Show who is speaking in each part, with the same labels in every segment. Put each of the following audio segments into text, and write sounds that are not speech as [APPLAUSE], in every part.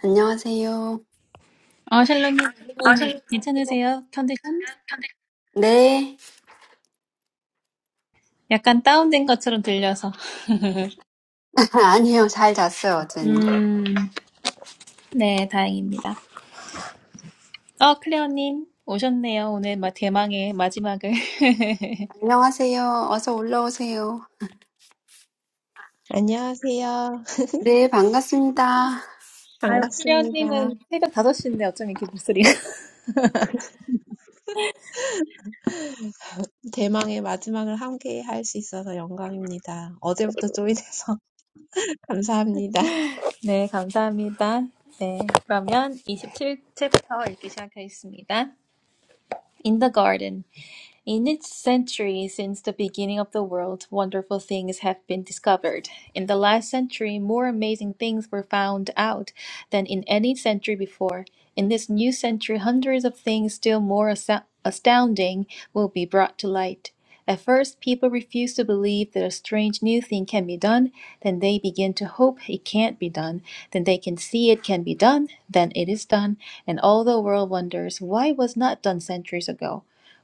Speaker 1: 안녕하세요.
Speaker 2: 아, 샬롬님, 오늘은
Speaker 1: 아세요?
Speaker 2: 괜찮으세요? 컨디션?
Speaker 1: 네.
Speaker 2: 약간 다운된 것처럼 들려서.
Speaker 1: [LAUGHS] 아니요, 잘 잤어요, 어제는.
Speaker 2: 음, 네, 다행입니다. 어, 클레어님, 오셨네요. 오늘 막 대망의 마지막을. [LAUGHS]
Speaker 1: 안녕하세요. 어서 올라오세요.
Speaker 3: 안녕하세요. [LAUGHS]
Speaker 1: 네, 반갑습니다.
Speaker 2: 아유,
Speaker 3: 반갑습니다.
Speaker 2: 클레어님은 새벽 다섯 시인데 어쩜 이렇게 목소리가. [LAUGHS]
Speaker 3: 대망의 마지막을 함께 할 수 있어서 영광입니다. 어제부터 조인해서 [LAUGHS] 감사합니다.
Speaker 2: 네, 감사합니다. 네, 그러면 27챕터 읽기 시작하겠습니다. In the Garden. In its century since the beginning of the world, wonderful things have been discovered. In the last century, more amazing things were found out than in any century before. In this new century, hundreds of things still more asa- astounding will be brought to light. At first, people refuse to believe that a strange new thing can be done. Then they begin to hope it can't be done. Then they can see it can be done. Then it is done. And all the world wonders why it was not done centuries ago.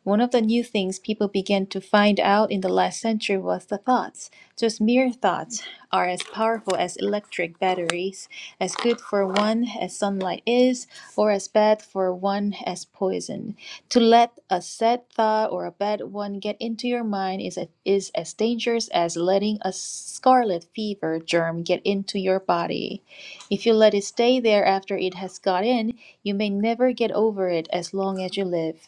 Speaker 2: One of the new things people began to find out in the last century was the thoughts. Just mere thoughts are as powerful as electric batteries, as good for one as sunlight is, or as bad for one as poison. To let a sad thought or a bad one get into your mind is, a, is as dangerous as letting a scarlet fever germ get into your body. If you let it stay there after it has got in, you may never get over it as long as you live.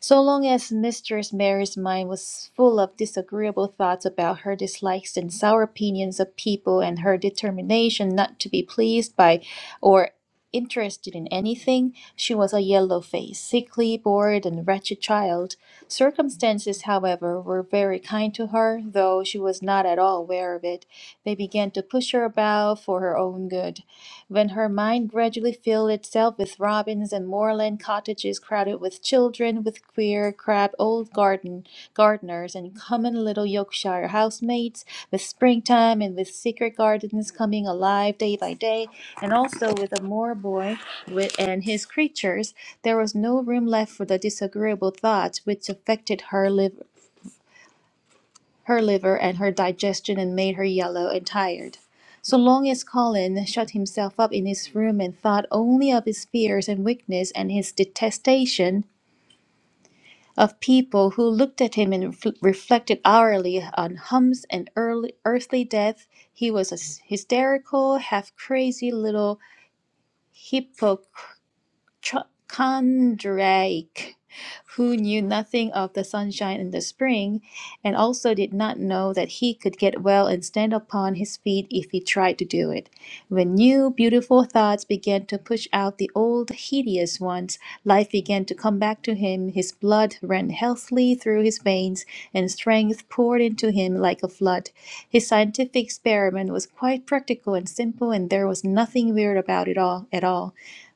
Speaker 2: So long as Mistress Mary's mind was full of disagreeable thoughts about her dislikes and sour opinions of people and her determination not to be pleased by or interested in anything, she was a yellow faced, sickly, bored, and wretched child. Circumstances, however, were very kind to her, though she was not at all aware of it. They began to push her about for her own good. When her mind gradually filled itself with robins and moorland cottages crowded with children, with queer, crab old garden gardeners and common little Yorkshire housemaids, with springtime and with secret gardens coming alive day by day, and also with a moor boy with, and his creatures, there was no room left for the disagreeable thoughts which affected her liv- her liver and her digestion and made her yellow and tired. So long as Colin shut himself up in his room and thought only of his fears and weakness and his detestation of people who looked at him and ref- reflected hourly on humps and early, earthly death, he was a s- hysterical, half crazy little hypochondriac. Ch- Condrake, who knew nothing of the sunshine in the spring, and also did not know that he could get well and stand upon his feet if he tried to do it. When new, beautiful thoughts began to push out the old, hideous ones, life began to come back to him. His blood ran healthily through his veins, and strength poured into him like a flood. His scientific experiment was quite practical and simple, and there was nothing weird about it all at all.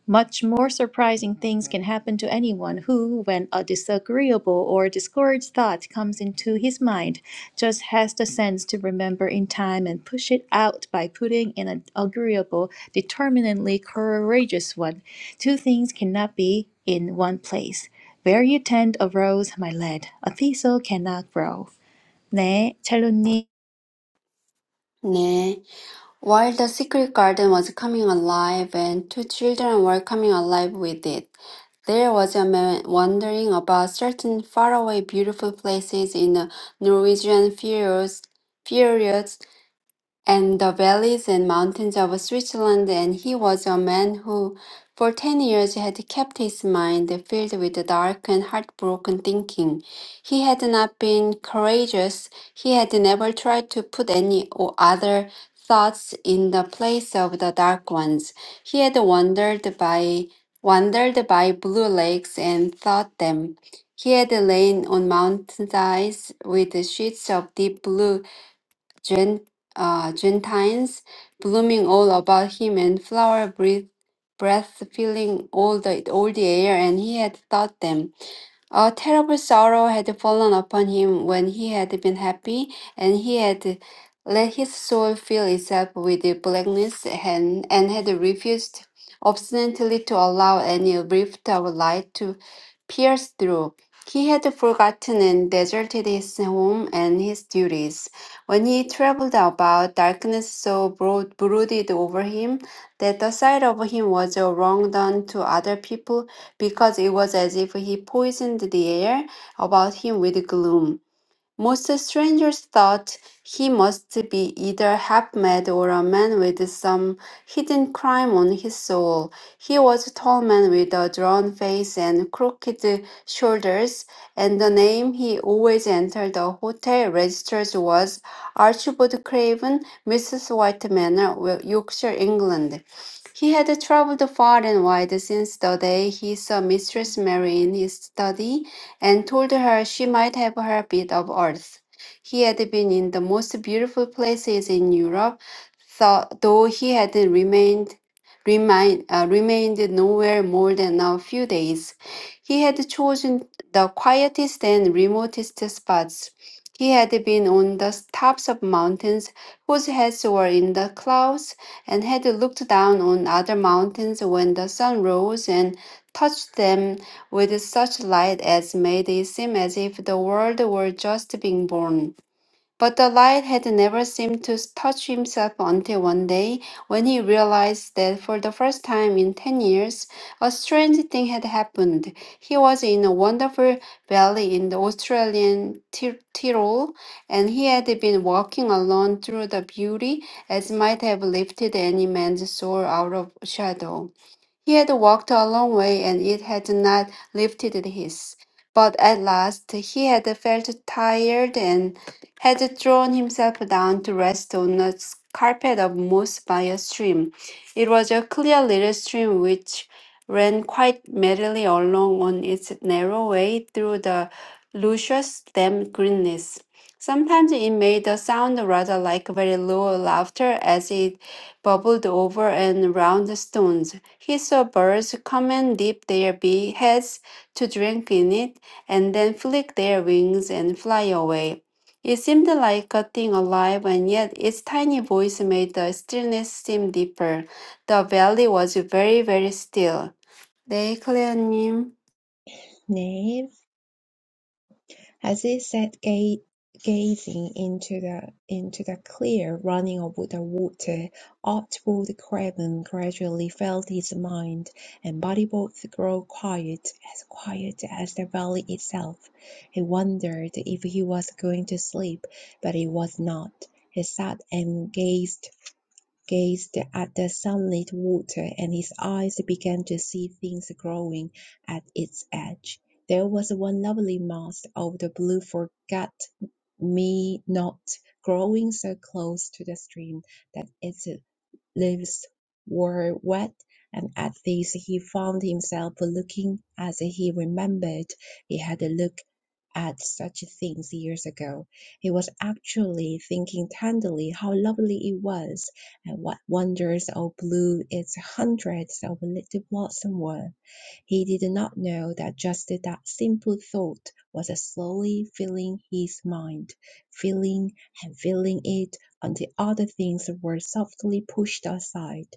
Speaker 2: Much more surprising things can happen to anyone who, when a disagreeable or discouraged thought comes into his mind, just has the sense to remember in time and push it out by putting in an agreeable, determinedly courageous one. Two things cannot be in one place. Where you tend a rose, my lad, a thistle cannot grow. 네, 찰로님.
Speaker 1: 네. While the secret garden was coming alive and two children were coming alive with it, there was a man wandering about certain faraway beautiful places in the Norwegian fjords, and the valleys and mountains of Switzerland, and he was a man who, for ten years, had kept his mind filled with dark and heartbroken thinking. He had not been courageous, he had never tried to put any o- other thoughts in the place of the dark ones. He had wandered by wandered by blue lakes and thought them. He had lain on mountainsides with sheets of deep blue Gen, uh, Gentiles, blooming all about him, and flower breath, breath filling all the all the air. And he had taught them. A terrible sorrow had fallen upon him when he had been happy, and he had let his soul fill itself with the blackness and, and had refused obstinately to allow any rift of light to pierce through. He had forgotten and deserted his home and his duties. When he traveled about, darkness so brood brooded over him that the sight of him was a wrong done to other people because it was as if he poisoned the air about him with gloom. Most strangers thought he must be either half mad or a man with some hidden crime on his soul. He was a tall man with a drawn face and crooked shoulders, and the name he always entered the hotel registers was Archibald Craven, Mrs. White Manor, Wil- Yorkshire, England. He had traveled far and wide since the day he saw Mistress Mary in his study and told her she might have her bit of earth. He had been in the most beautiful places in Europe, tho- though he had remained remain, uh, remained nowhere more than a few days. He had chosen the quietest and remotest spots. He had been on the tops of mountains whose heads were in the clouds, and had looked down on other mountains when the sun rose and touched them with such light as made it seem as if the world were just being born. But the light had never seemed to touch himself until one day, when he realized that for the first time in ten years, a strange thing had happened. He was in a wonderful valley in the Australian Ti- Tyrol, and he had been walking alone through the beauty as might have lifted any man's soul out of shadow. He had walked a long way, and it had not lifted his. But at last he had felt tired and had thrown himself down to rest on a s- carpet of moss by a stream. It was a clear little stream which ran quite merrily along on its narrow way through the luscious damp greenness. Sometimes it made a sound rather like very low laughter as it bubbled over and round the stones. He saw birds come and dip their bee heads to drink in it, and then flick their wings and fly away. It seemed like a thing alive, and yet its tiny voice made the stillness seem deeper. The valley was very, very still. 네, 클레어님.
Speaker 3: 네. As he sat ga- gazing into the into the clear running of the water, Archibald Craven gradually felt his mind and body both grow quiet, as quiet as the valley itself. He wondered if he was going to sleep, but he was not. He sat and gazed gazed at the sunlit water, and his eyes began to see things growing at its edge. There was one lovely mass of the blue forget me not growing so close to the stream that its leaves were wet, and at this he found himself looking as he remembered he had looked at such things years ago. He was actually thinking tenderly how lovely it was, and what wonders of blue its hundreds of little blossoms were. He did not know that just that simple thought was slowly filling his mind, filling and filling it until other things were softly pushed aside.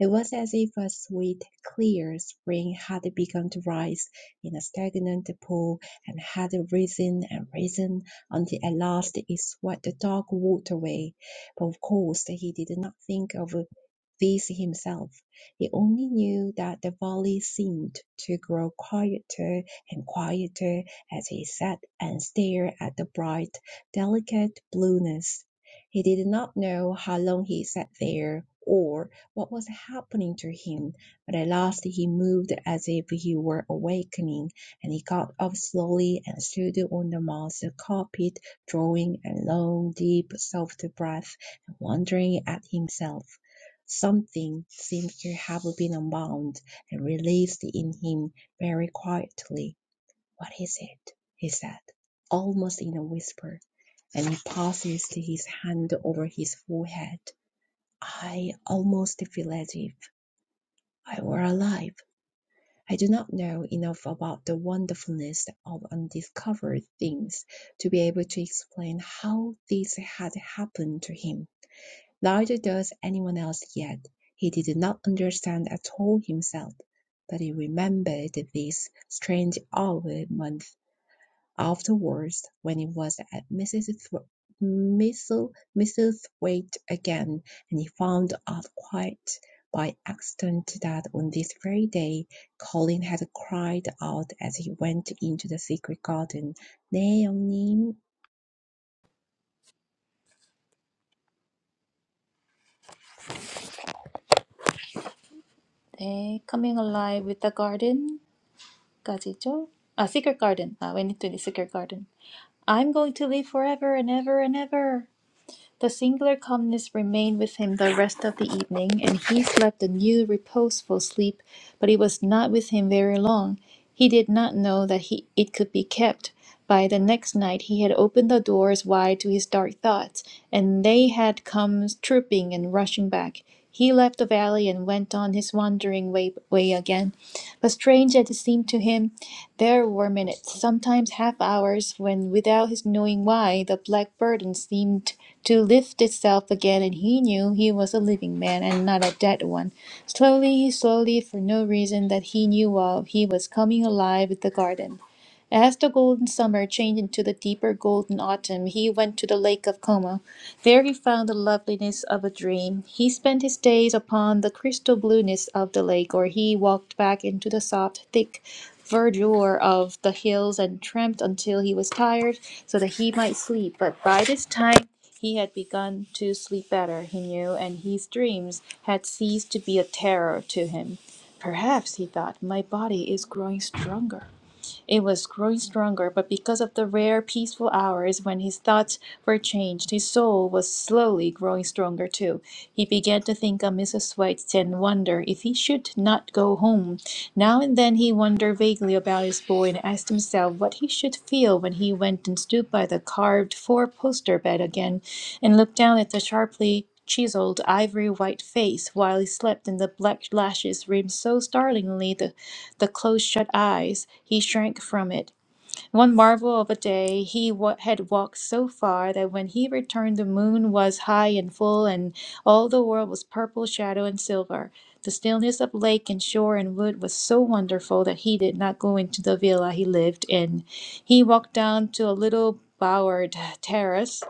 Speaker 3: It was as if a sweet, clear spring had begun to rise in a stagnant pool and had risen and risen until at last it swept the dark waterway. But of course he did not think of this himself. He only knew that the valley seemed to grow quieter and quieter as he sat and stared at the bright, delicate blueness. He did not know how long he sat there or what was happening to him, but at last he moved as if he were awakening, and he got up slowly and stood on the moss carpet, drawing a long, deep, soft breath and wondering at himself. Something seems to have been unbound and released in him very quietly. What is it? he said, almost in a whisper, and he passed his hand over his forehead. I almost feel as if I were alive. I do not know enough about the wonderfulness of undiscovered things to be able to explain how this had happened to him. Neither does anyone else yet. He did not understand at all himself, but he remembered this strange hour month afterwards when he was at Mrs. Thr- Mrs. Mrs. Thwaite again, and he found out quite by accident that on this very day Colin had cried out as he went into the secret garden, 네, 형님.
Speaker 2: 네, Coming Alive with the Garden. 까지죠? 아, Secret Garden. 아, When It to the Secret Garden. I'm going to live forever and ever and ever. The singular calmness remained with him the rest of the evening, and he slept a new reposeful sleep, but it was not with him very long. He did not know that he, it could be kept. By the next night, he had opened the doors wide to his dark thoughts, and they had come trooping and rushing back. He left the valley and went on his wandering way, way again. But strange as it seemed to him, there were minutes, sometimes half hours, when, without his knowing why, the black burden seemed to lift itself again, and he knew he was a living man and not a dead one. Slowly, slowly, for no reason that he knew of, he was coming alive with the garden. As the golden summer changed into the deeper golden autumn, he went to the Lake of Como. There he found the loveliness of a dream. He spent his days upon the crystal blueness of the lake, or he walked back into the soft, thick verdure of the hills and tramped until he was tired so that he might sleep. But by this time he had begun to sleep better, he knew, and his dreams had ceased to be a terror to him. Perhaps, he thought, my body is growing stronger. It was growing stronger, but because of the rare, peaceful hours when his thoughts were changed, his soul was slowly growing stronger too. He began to think of Mrs. White and wonder if he should not go home. Now and then he wondered vaguely about his boy and asked himself what he should feel when he went and stood by the carved four-poster bed again and looked down at the sharply chiseled ivory white face while he slept and the black lashes rimmed so startlingly the the close shut eyes. He shrank from it. One marvel of a day he wa- had walked so far that when he returned the moon was high and full, and all the world was purple shadow and silver. The stillness of lake and shore and wood was so wonderful that he did not go into the villa he lived in. He walked down to a little bowered terrace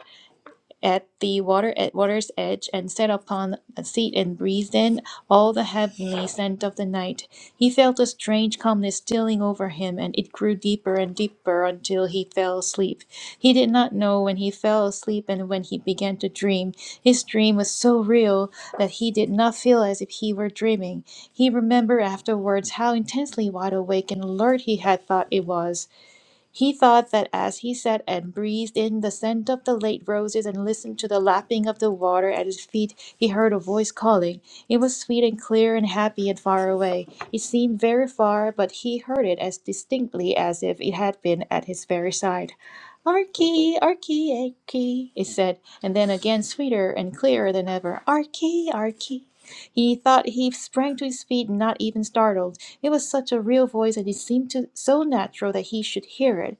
Speaker 2: at the water at water's edge and sat upon a seat and breathed in all the heavenly scent of the night. He felt a strange calmness stealing over him, and it grew deeper and deeper until he fell asleep. He did not know when he fell asleep and when he began to dream. His dream was so real that he did not feel as if he were dreaming. He remembered afterwards how intensely wide awake and alert he had thought it was. He thought that as he sat and breathed in the scent of the late roses and listened to the lapping of the water at his feet, he heard a voice calling. It was sweet and clear and happy and far away. It seemed very far, but he heard it as distinctly as if it had been at his very side. Archie, Archie, Archie, it said, and then again sweeter and clearer than ever. Archie, Archie. He thought he sprang to his feet, not even startled. It was such a real voice, and it seemed to, so natural that he should hear it.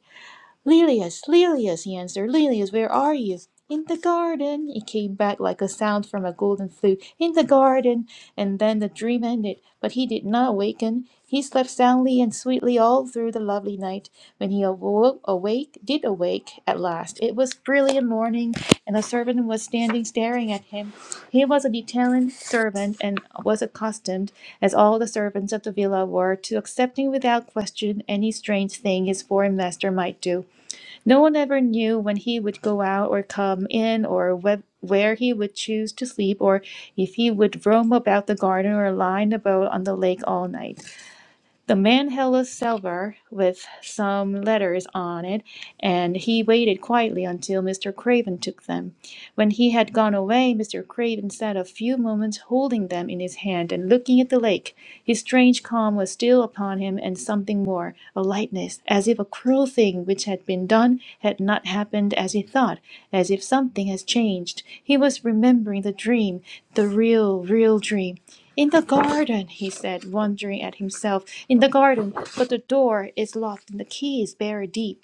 Speaker 2: Lilias, Lilias, he answered. Lilias, where are you? In the garden. It came back like a sound from a golden flute. In the garden. And then the dream ended, but he did not waken. He slept soundly and sweetly all through the lovely night. When he awoke, awake, did awake at last. It was brilliant morning, and the servant was standing staring at him. He was an Italian servant and was accustomed, as all the servants of the villa were, to accepting without question any strange thing his foreign master might do. No one ever knew when he would go out or come in, or whe- where he would choose to sleep, or if he would roam about the garden or lie in a boat on the lake all night. The man held a salver with some letters on it, and he waited quietly until Mr. Craven took them. When he had gone away, Mr. Craven sat a few moments holding them in his hand and looking at the lake. His strange calm was still upon him, and something more, a lightness, as if a cruel thing which had been done had not happened as he thought, as if something has changed. He was remembering the dream, the real, real dream. In the garden, he said, wondering at himself. In the garden, but the door is locked and the key is buried deep.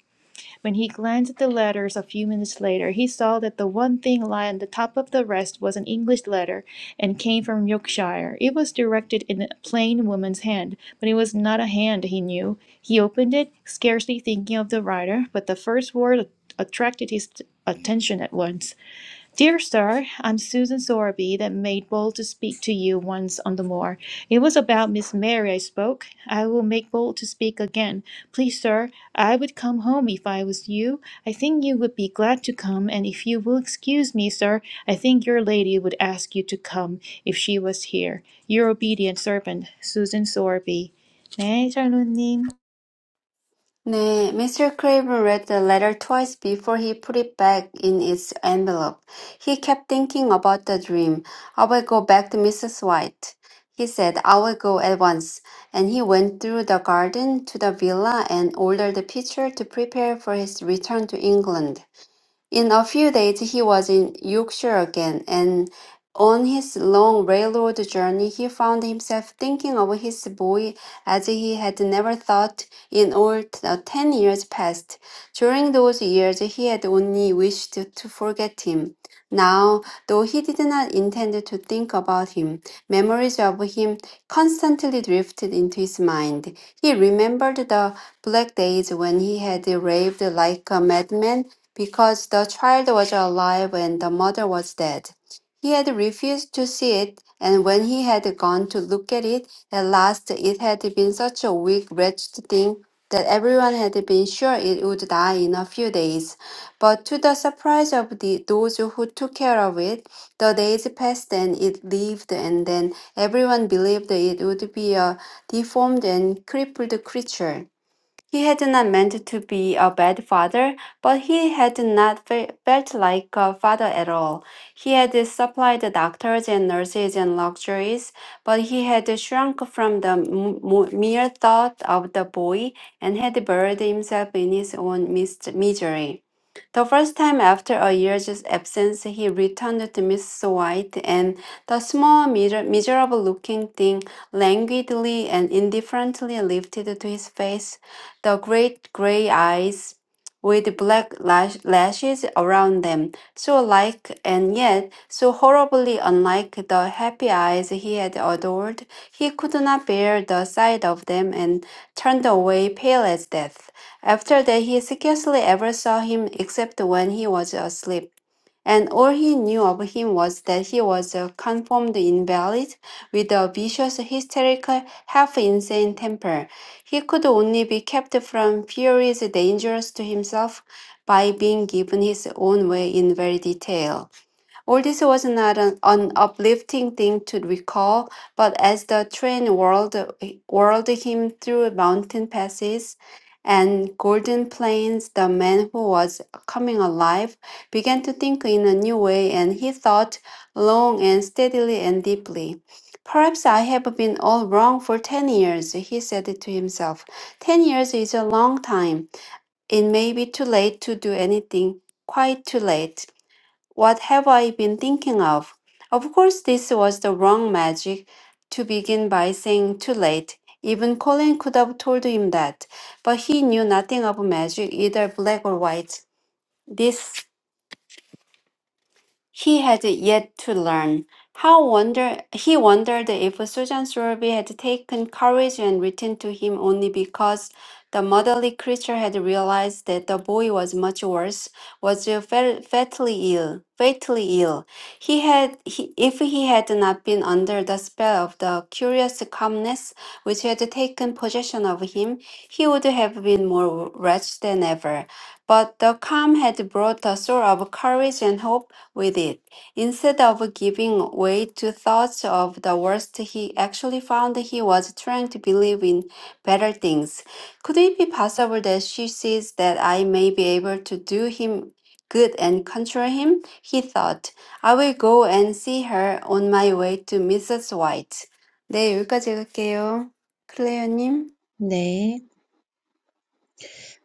Speaker 2: When he glanced at the letters a few minutes later, he saw that the one thing lying on the top of the rest was an English letter and came from Yorkshire. It was directed in a plain woman's hand, but it was not a hand he knew. He opened it, scarcely thinking of the writer, but the first word attracted his attention at once. Dear sir, I'm Susan Sowerby that made bold to speak to you once on the moor. It was about Miss Mary I spoke. I will make bold to speak again. Please, sir, I would come home if I was you. I think you would be glad to come, and if you will excuse me, sir, I think your lady would ask you to come if she was here. Your obedient servant, Susan Sowerby. 네, 샬로님.
Speaker 1: 네, Mr. Craven read the letter twice before he put it back in its envelope. He kept thinking about the dream. I will go back to Mrs. White. He said, I will go at once. And he went through the garden to the villa and ordered the pitcher to prepare for his return to England. In a few days he was in Yorkshire again, and on his long railroad journey he found himself thinking of his boy as he had never thought in all the ten years past. During those years he had only wished to forget him. Now, though he did not intend to think about him, memories of him constantly drifted into his mind. He remembered the black days when he had raved like a madman because the child was alive and the mother was dead. He had refused to see it, and when he had gone to look at it at last, it had been such a weak, wretched thing that everyone had been sure it would die in a few days. But to the surprise of the, those who took care of it, the days passed and it lived, and then everyone believed it would be a deformed and crippled creature. He had not meant to be a bad father, but he had not fe- felt like a father at all. He had supplied doctors and nurses and luxuries, but he had shrunk from the m- mo- mere thought of the boy and had buried himself in his own mis- misery. The first time after a year's absence, he returned to Miss White, and the small, miser- miserable looking thing languidly and indifferently lifted to his face the great gray eyes with black lash- lashes around them, so like and yet so horribly unlike the happy eyes he had adored. He could not bear the sight of them and turned away pale as death. After that, he scarcely ever saw him except when he was asleep and all he knew of him was that he was a confirmed invalid with a vicious, hysterical, half insane temper. He could only be kept from furies dangerous to himself by being given his own way in very detail. All this was not an, an uplifting thing to recall, but as the train whirled, whirled him through mountain passes and golden plains, the man who was coming alive began to think in a new way, and he thought long and steadily and deeply. Perhaps I have been all wrong for 10 years, he said to himself. 10 years is a long time. It may be too late to do anything, quite too late. What have I been thinking of? Of course, this was the wrong magic to begin by saying too late. Even Colin could have told him that, but he knew nothing of magic, either black or white. This he had yet to learn. How wonder he wondered if Susan Sowerby had taken courage and written to him only because the motherly creature had realized that the boy was much worse, was fa- fatally ill, fatally ill. He had, he, if he had not been under the spell of the curious calmness which had taken possession of him, he would have been more wretched than ever. But the calm had brought a sort of courage and hope with it. Instead of giving way to thoughts of the worst, he actually found he was trying to believe in better things. Could it be possible that she sees that I may be able to do him good and control him? He thought. I will go and see her on my way to Mrs. White. 네, 여기까지 할게요. 클레어님.
Speaker 3: 네.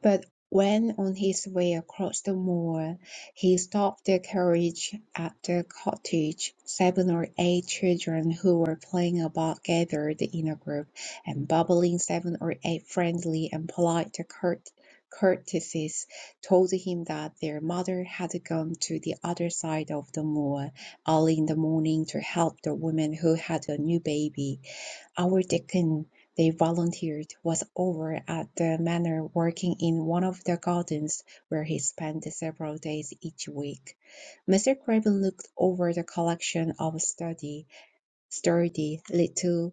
Speaker 3: But when on his way across the moor, he stopped the carriage at the cottage, seven or eight children who were playing about gathered in a group and bubbling seven or eight friendly and polite court- courtesies told him that their mother had gone to the other side of the moor early in the morning to help the woman who had a new baby. Our deacon, they volunteered, was over at the manor working in one of the gardens where he spent several days each week. Mr. Craven looked over the collection of sturdy, sturdy little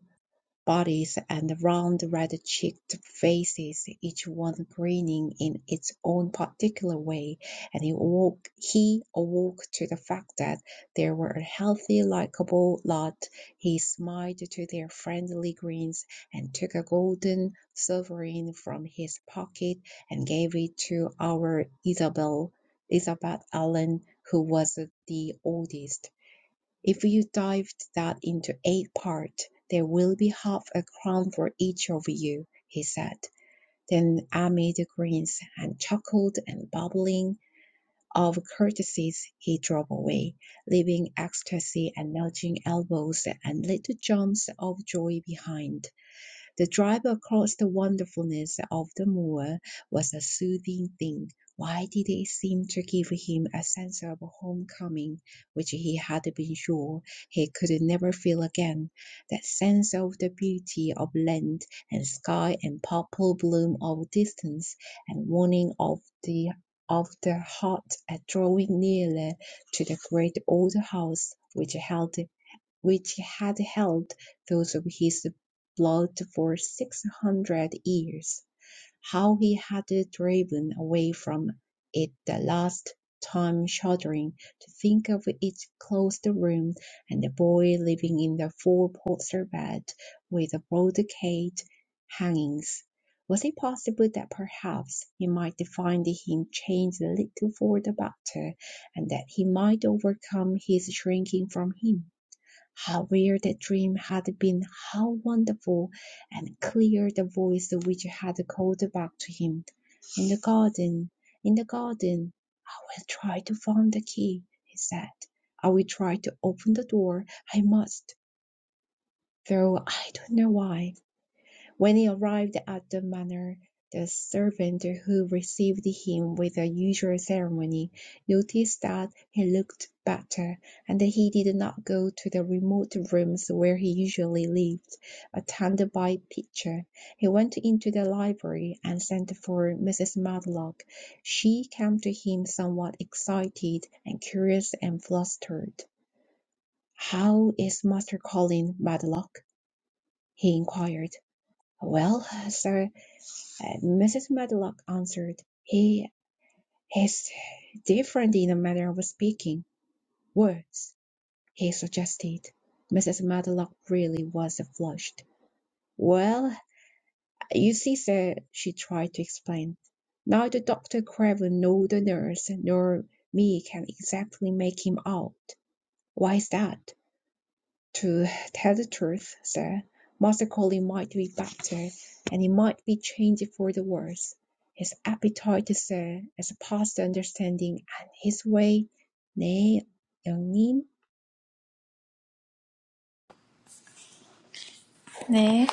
Speaker 3: bodies and round red-cheeked faces, each one grinning in its own particular way, and he awoke, he awoke to the fact that they were a healthy, likable lot. He smiled to their friendly grins and took a golden sovereign from his pocket and gave it to our Isabel, Isabel Allen, who was the oldest. If you divide that into eight parts, there will be half a crown for each of you, he said. Then, amid the grins and chuckled and bubbling of courtesies, he drove away, leaving ecstasy and nudging elbows and little jumps of joy behind. The drive across the wonderfulness of the moor was a soothing thing. Why did it seem to give him a sense of homecoming which he had been sure he could never feel again? That sense of the beauty of land and sky and purple bloom of distance and warning of the of the heart at drawing nearer to the great old house which held which had held those of his blood for six hundred years, how he had driven away from it the last time, shuddering to think of its closed room and the boy living in the four-poster bed with the brocade hangings. Was it possible that perhaps he might find him change a little for the better, and that he might overcome his shrinking from him? How weird the dream had been, how wonderful and clear the voice which had called back to him. In the garden, in the garden, I will try to find the key, he said. I will try to open the door. I must, though I don't know why. When he arrived at the manor, the servant who received him with the usual ceremony noticed that he looked better, and that he did not go to the remote rooms where he usually lived, attended by Pitcher. He went into the library and sent for Mrs. Matlock. She came to him somewhat excited and curious and flustered. "How is Master Colin, Matlock?" he inquired. "Well, sir. Mrs. Medlock answered, "He is different in a manner of speaking." "Words," he suggested. Mrs. Medlock really was flushed. "Well, you see, sir," she tried to explain, "neither Dr. Craven nor the nurse nor me can exactly make him out." "Why's that?" to tell the truth, sir, Master Colin might be better, and he might be changed for the worse. His appetite, sir, has passed understanding, and his way, 네, 영님,
Speaker 2: 네.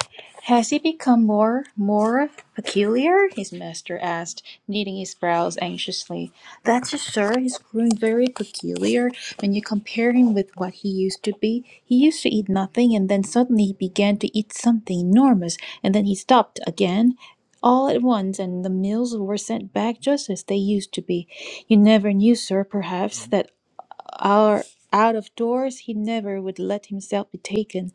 Speaker 2: Has he become more, more peculiar? His master asked, knitting his brows anxiously. That's it, sir. He's grown very peculiar. When you compare him with what he used to be, he used to eat nothing, and then suddenly he began to eat something enormous, and then he stopped again. All at once, and the meals were sent back just as they used to be. You never knew, sir, perhaps, that our out of doors he never would let himself be taken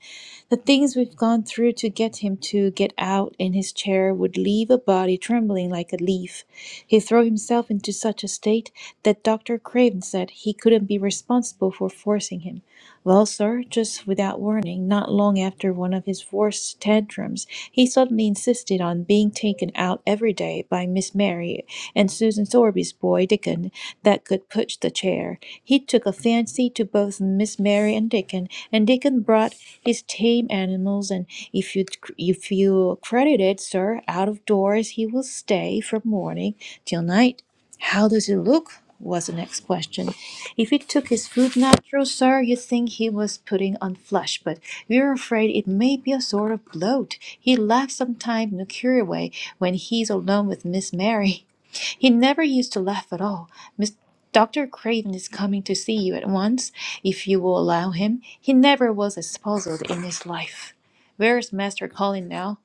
Speaker 2: the things we've gone through to get him to get out in his chair would leave a body trembling like a leaf he threw himself into such a state that dr craven said he couldn't be responsible for forcing him well, sir, just without warning, not long after one of his worst tantrums, he suddenly insisted on being taken out every day by Miss Mary and Susan Sorby's boy Dickon, that could push the chair. He took a fancy to both Miss Mary and Dickon, and Dickon brought his tame animals, and if you if you credit it, sir, out of doors he will stay from morning till night. How does he look? was the next question. If he took his food natural, sir, you'd think he was putting on flesh, but we're afraid it may be a sort of bloat. He laughs sometimes in a curious way when he's alone with Miss Mary. He never used to laugh at all. Miss Dr. Craven is coming to see you at once, if you will allow him. He never was as puzzled in his life. Where is Master Colin now?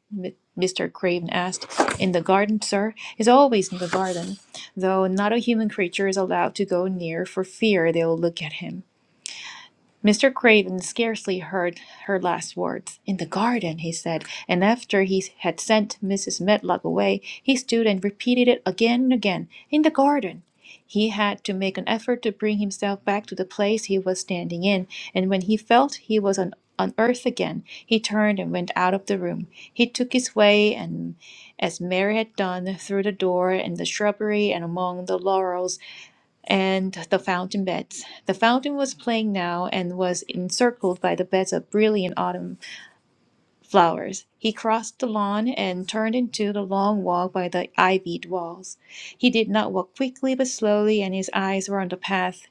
Speaker 2: Mr. Craven asked. In the garden, sir. He's always in the garden, though not a human creature is allowed to go near for fear they'll look at him. Mr. Craven scarcely heard her last words. In the garden, he said, and after he had sent Mrs. Medlock away, he stood and repeated it again and again. In the garden. He had to make an effort to bring himself back to the place he was standing in, and when he felt he was on, on earth again, he turned and went out of the room. He took his way, and as Mary had done, through the door and the shrubbery and among the laurels and the fountain beds. The fountain was playing now and was encircled by the beds of brilliant autumn flowers. He crossed the lawn and turned into the long walk by the ivied walls. He did not walk quickly but slowly, and his eyes were on the path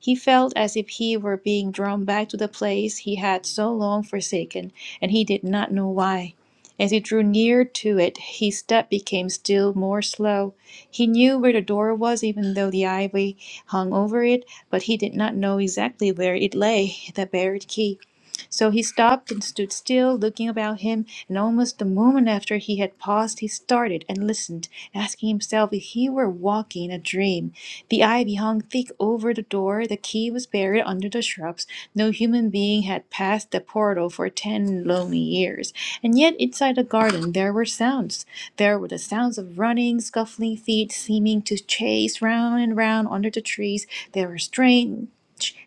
Speaker 2: he felt as if he were being drawn back to the place he had so long forsaken, and he did not know why. As he drew near to it, his step became still more slow. He knew where the door was, even though the ivy hung over it, but he did not know exactly where it lay, the buried key. So he stopped and stood still, looking about him, and almost the moment after he had paused, he started and listened, asking himself if he were walking in a dream. The ivy hung thick over the door, the key was buried under the shrubs, no human being had passed the portal for ten lonely years. And yet inside the garden there were sounds. There were the sounds of running, scuffling feet seeming to chase round and round under the trees. There were strange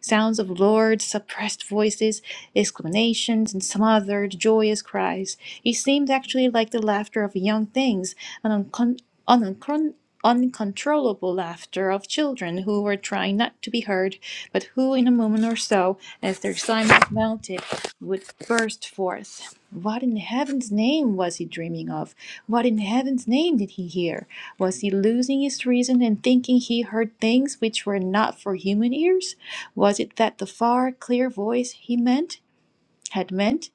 Speaker 2: sounds of loud, suppressed voices, exclamations, and smothered, joyous cries. It seemed actually like the laughter of young things, an uncon- an uncon- uncontrollable laughter of children who were trying not to be heard, but who in a moment or so bow, as their assignment mounted, would burst forth. What in heaven's name was he dreaming of? What in heaven's name did he hear? Was he losing his reason and thinking he heard things which were not for human ears? Was it that the far, clear voice he meant? had meant.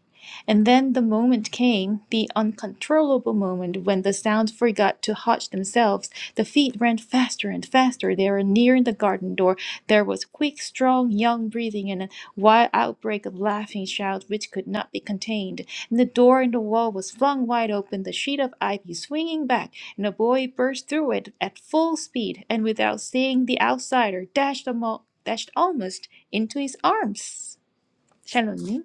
Speaker 2: And then the moment came, the uncontrollable moment when the sounds forgot to hush themselves. The feet ran faster and faster. They were nearing the garden door. There was quick, strong, young breathing and a wild outbreak of laughing shouts which could not be contained. And the door in the wall was flung wide open, the sheet of ivy swinging back, and a boy burst through it at full speed, and without seeing the outsider, dashed, almo- dashed almost into his arms. 샬롯님.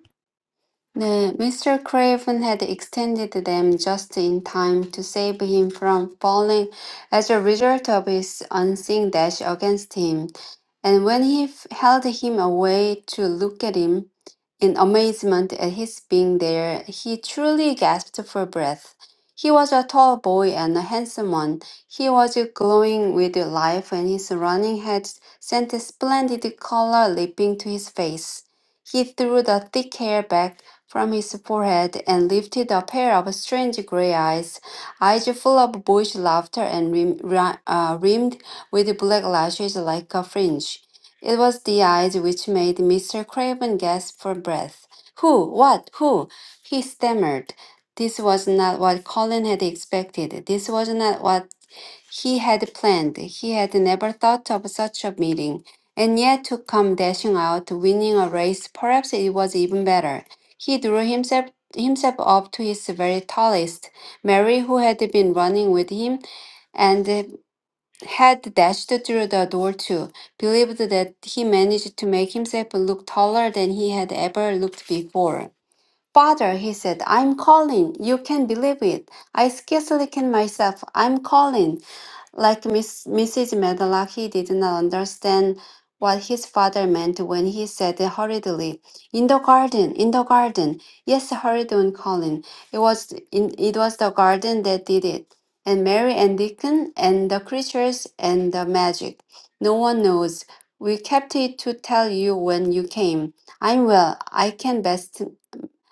Speaker 1: 네, Mr. Craven had extended them just in time to save him from falling as a result of his unseen dash against him. And when he f- held him away to look at him in amazement at his being there, he truly gasped for breath. He was a tall boy and a handsome one. He was glowing with life, and his running had sent a splendid color leaping to his face. He threw the thick hair back from his forehead and lifted a pair of strange gray eyes, eyes full of boyish laughter and rim, ri- uh, rimmed with black lashes like a fringe. It was the eyes which made Mr. Craven gasp for breath. Who? What? Who? He stammered. This was not what Colin had expected. This was not what he had planned. He had never thought of such a meeting and yet to come dashing out, winning a race, perhaps it was even better. He drew himself himself up to his very tallest. Mary, who had been running with him and had dashed through the door too, believed that he managed to make himself look taller than he had ever looked before. Father, he said, I'm calling. You can believe it. I scarcely can myself. I'm calling. Like Miss, Mrs. Medlock, he did not understand what his father meant when he said hurriedly, "In the garden, in the garden." Yes, hurried on Colin. It was in, it was the garden that did it, and Mary and Deacon and the creatures and the magic. No one knows. We kept it to tell you when you came. I'm well. I can best.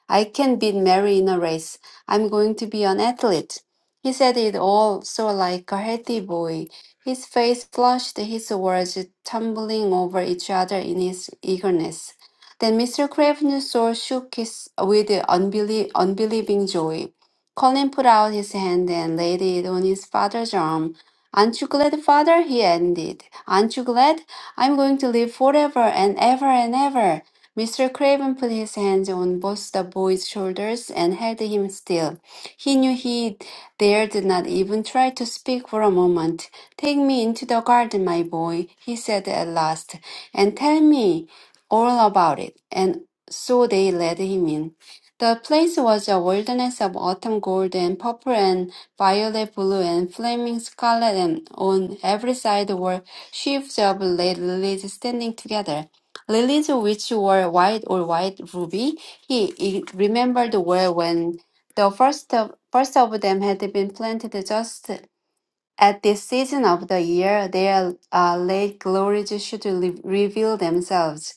Speaker 1: I can beat Mary in a race. I'm going to be an athlete. He said it all so like a healthy boy. His face flushed, his words tumbling over each other in his eagerness. Then Mr. Craven's soul shook his, with unbelie- unbelieving joy. Colin put out his hand and laid it on his father's arm. Aren't you glad, father? he ended. Aren't you glad? I'm going to live forever and ever and ever. Mr. Craven put his hands on both the boy's shoulders and held him still. He knew he dared not even try to speak for a moment. Take me into the garden, my boy, he said at last, and tell me all about it. And so they led him in. The place was a wilderness of autumn gold and purple and violet blue and flaming scarlet, and on every side were sheaves of late lilies standing together. Lilies which were white or white ruby, he i- remembered well when the first of, first of them had been planted just at this season of the year, their uh, late glories should re- reveal themselves.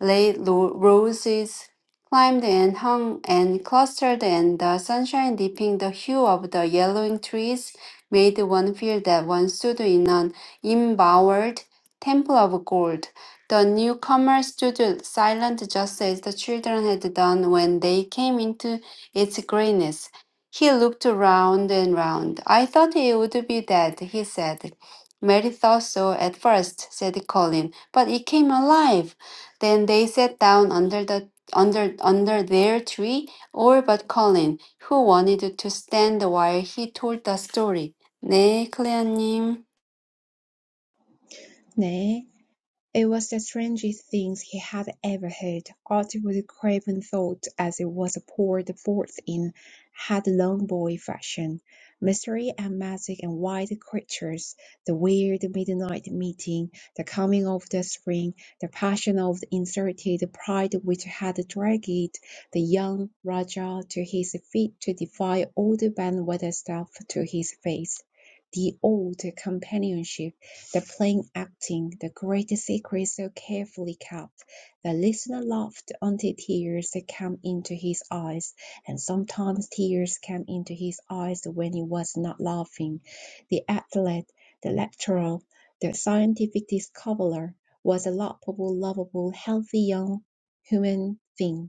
Speaker 1: Late lo- roses climbed and hung and clustered, and the sunshine dipping the hue of the yellowing trees made one feel that one stood in an embowered temple of gold. The newcomer stood silent just as the children had done when they came into its grayness. He looked round and round. I thought he would be dead, he said. Mary thought so at first," said Colin, but it came alive. Then they sat down under the under under their tree, all but Colin, who wanted to stand while he told the story. 네, 클레어님.
Speaker 3: 네. It was the strangest thing he had ever heard. Archibald Craven thought as it was poured forth in headlong-boy fashion. Mystery and magic and wild creatures, the weird midnight meeting, the coming of the spring, the passion of the inserted pride which had dragged the young Rajah to his feet to defy old Ben Weatherstaff to his face. The old companionship the plain acting, the great secret so carefully kept. The listener laughed until tears came into his eyes, and sometimes tears came into his eyes when he was not laughing. The athlete, the lecturer, the scientific discoverer was a lovable, lovable, healthy young human thing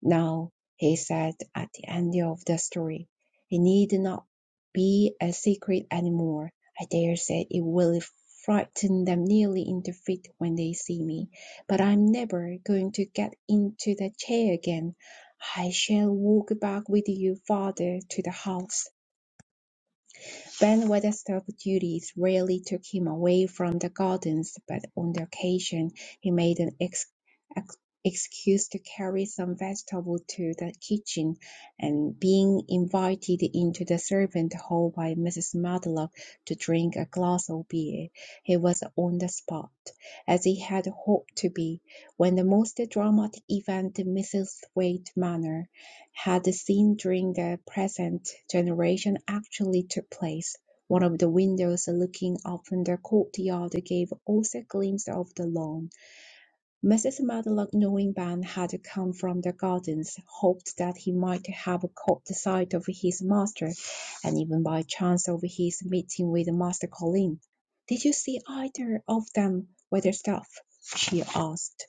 Speaker 3: now, he said at the end of the story, it need not be a secret anymore. I dare say it will frighten them nearly into feet when they see me, but I'm never going to get into that chair again. I shall walk back with you, father, to the house. Bandwagon-staff duties rarely took him away from the gardens, but on the occasion he made an ex- ex- excuse to carry some vegetables to the kitchen, and being invited into the servant hall by Mrs. Matlock to drink a glass of beer, he was on the spot, as he had hoped to be, when the most dramatic event in Misselthwaite Manor had seen during the present generation actually took place. One of the windows looking upon the courtyard gave also a glimpse of the lawn. Mrs. Medlock, knowing Ben had come from the gardens, hoped that he might have caught the sight of his master, and even by chance of his meeting with Master Colin. "Did you see either of them, Weatherstaff?" she asked.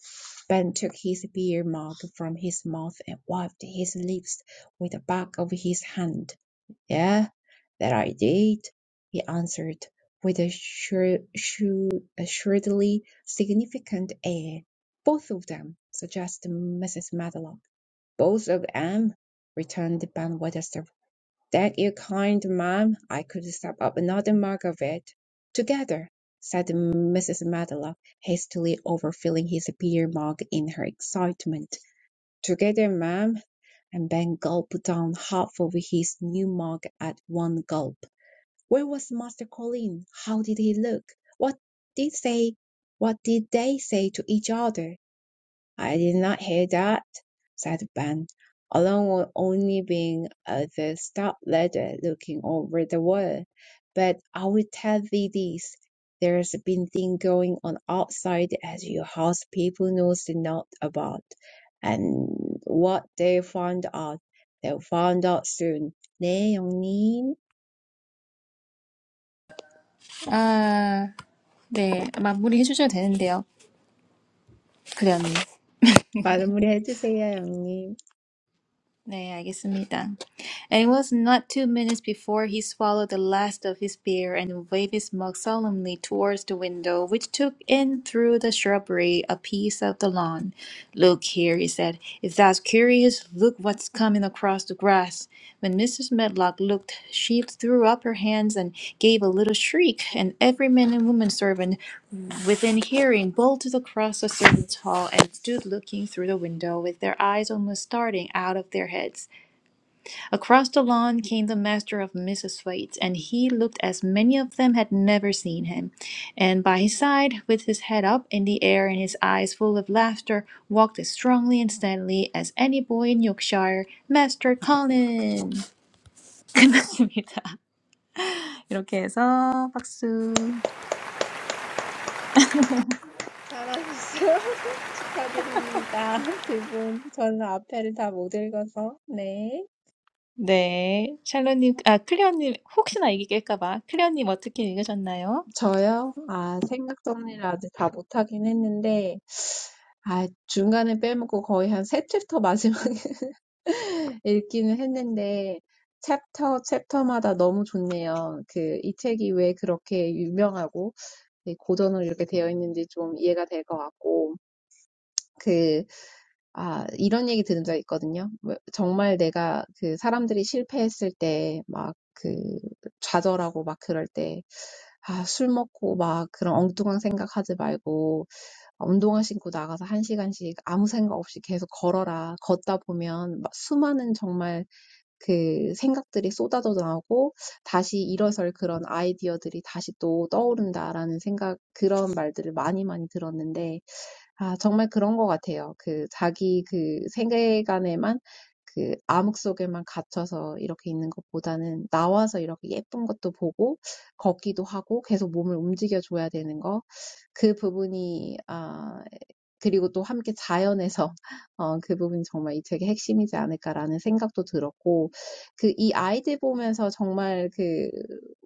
Speaker 3: Ben took his beer mug from his mouth and wiped his lips with the back of his hand. "Yeah, that I did," he answered, with a shrewd, shrewdly significant air. "Both of them suggested Mrs. Medlock. "Both of of 'em," returned Ben Weatherstaff. "Thank you kind, ma'am. I could stop up another mug of it." "Together," said Mrs. Medlock, hastily overfilling his beer mug in her excitement. "Together, ma'am and Ben gulped down half of his new mug at one gulp. Where was Master Colin? How did he look? What did they what did they say to each other? I did not hear that, said Ben, along with only being at the stop ladder looking over the water. But I will tell thee this, there's been thing going on outside as your house people knows not about. And what they found out, they'll find out soon. 네, 영님.
Speaker 2: 아, 네. 마무리해 주셔도 되는데요. 그래 언니.
Speaker 3: 마무리 해주세요, 영님.
Speaker 2: 네, 알겠습니다. And it was not two minutes before he swallowed the last of his beer and waved his mug solemnly towards the window, which took in through the shrubbery a piece of the lawn. Look here, he said. If thou's curious, look what's coming across the grass. When Mrs. Medlock looked, she threw up her hands and gave a little shriek, and every man and woman servant within hearing bolted across the servants' hall and stood looking through the window with their eyes almost starting out of their heads. Across the lawn came the master of Mrs. Thwaites, and he looked as many of them had never seen him. And by his side, with his head up in the air and his eyes full of laughter, walked as strongly and steadily as any boy in Yorkshire, Master Colin. [LAUGHS] 끝났습니다. 이렇게 해서 박수.
Speaker 3: 잘하셨어요. [LAUGHS] 축하드립니다. 두 분. 저는 앞에를 다 못 읽어서. 네.
Speaker 2: 네, 샬로님, 아 클레어님 혹시나 이게 깰까봐 클레어님 어떻게 읽으셨나요?
Speaker 3: 저요? 아, 생각 정리를 아직 다 못하긴 했는데, 아, 중간에 빼먹고 거의 한 세 챕터 마지막에 [LAUGHS] 읽기는 했는데, 챕터, 챕터마다 너무 좋네요. 그, 이 책이 왜 그렇게 유명하고, 이 고전으로 이렇게 되어 있는지 좀 이해가 될것 같고, 그. 아, 이런 얘기 들은 적 있거든요. 뭐, 정말 내가 그 사람들이 실패했을 때, 막 그 좌절하고 막 그럴 때, 아, 술 먹고 막 그런 엉뚱한 생각하지 말고, 운동화 신고 나가서 한 시간씩 아무 생각 없이 계속 걸어라. 걷다 보면 막 수많은 정말 그 생각들이 쏟아져 나오고 다시 일어설 그런 아이디어들이 다시 또 떠오른다라는 생각, 그런 말들을 많이 많이 들었는데 아, 정말 그런 것 같아요. 그 자기 그 세계관에만 그 암흑 속에만 갇혀서 이렇게 있는 것보다는 나와서 이렇게 예쁜 것도 보고 걷기도 하고 계속 몸을 움직여줘야 되는 거. 그 부분이 아 그리고 또 함께 자연에서 [LAUGHS] 어, 그 부분이 정말 이 책의 핵심이지 않을까라는 생각도 들었고 그이 아이들 보면서 정말 그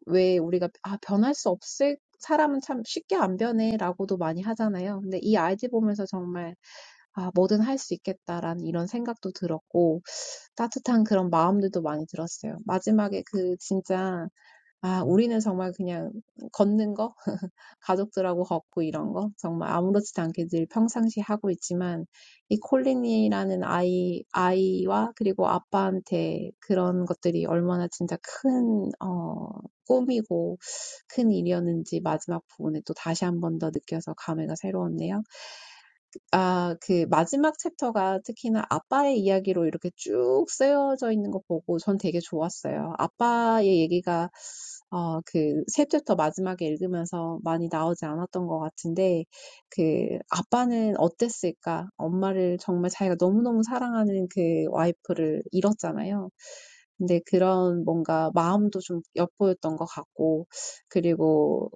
Speaker 3: 왜 우리가 아 변할 수 없을 사람은 참 쉽게 안 변해라고도 많이 하잖아요. 근데 이 아이디 보면서 정말 아, 뭐든 할 수 있겠다라는 이런 생각도 들었고 따뜻한 그런 마음들도 많이 들었어요. 마지막에 그 진짜 아, 우리는 정말 그냥 걷는 거? 가족들하고 걷고 이런 거 정말 아무렇지도 않게 늘 평상시 하고 있지만 이 콜린이라는 아이 아이와 그리고 아빠한테 그런 것들이 얼마나 진짜 큰 어, 꿈이고 큰 일이었는지 마지막 부분에 또 다시 한번더 느껴서 감회가 새로웠네요. 아, 그 마지막 챕터가 특히나 아빠의 이야기로 이렇게 쭉 쓰여져 있는 거 보고 전 되게 좋았어요. 아빠의 얘기가 어, 그, 세 챕터 마지막에 읽으면서 많이 나오지 않았던 것 같은데, 그, 아빠는 어땠을까? 엄마를 정말 자기가 너무너무 사랑하는 그 와이프를 잃었잖아요. 근데 그런 뭔가 마음도 좀 엿보였던 것 같고, 그리고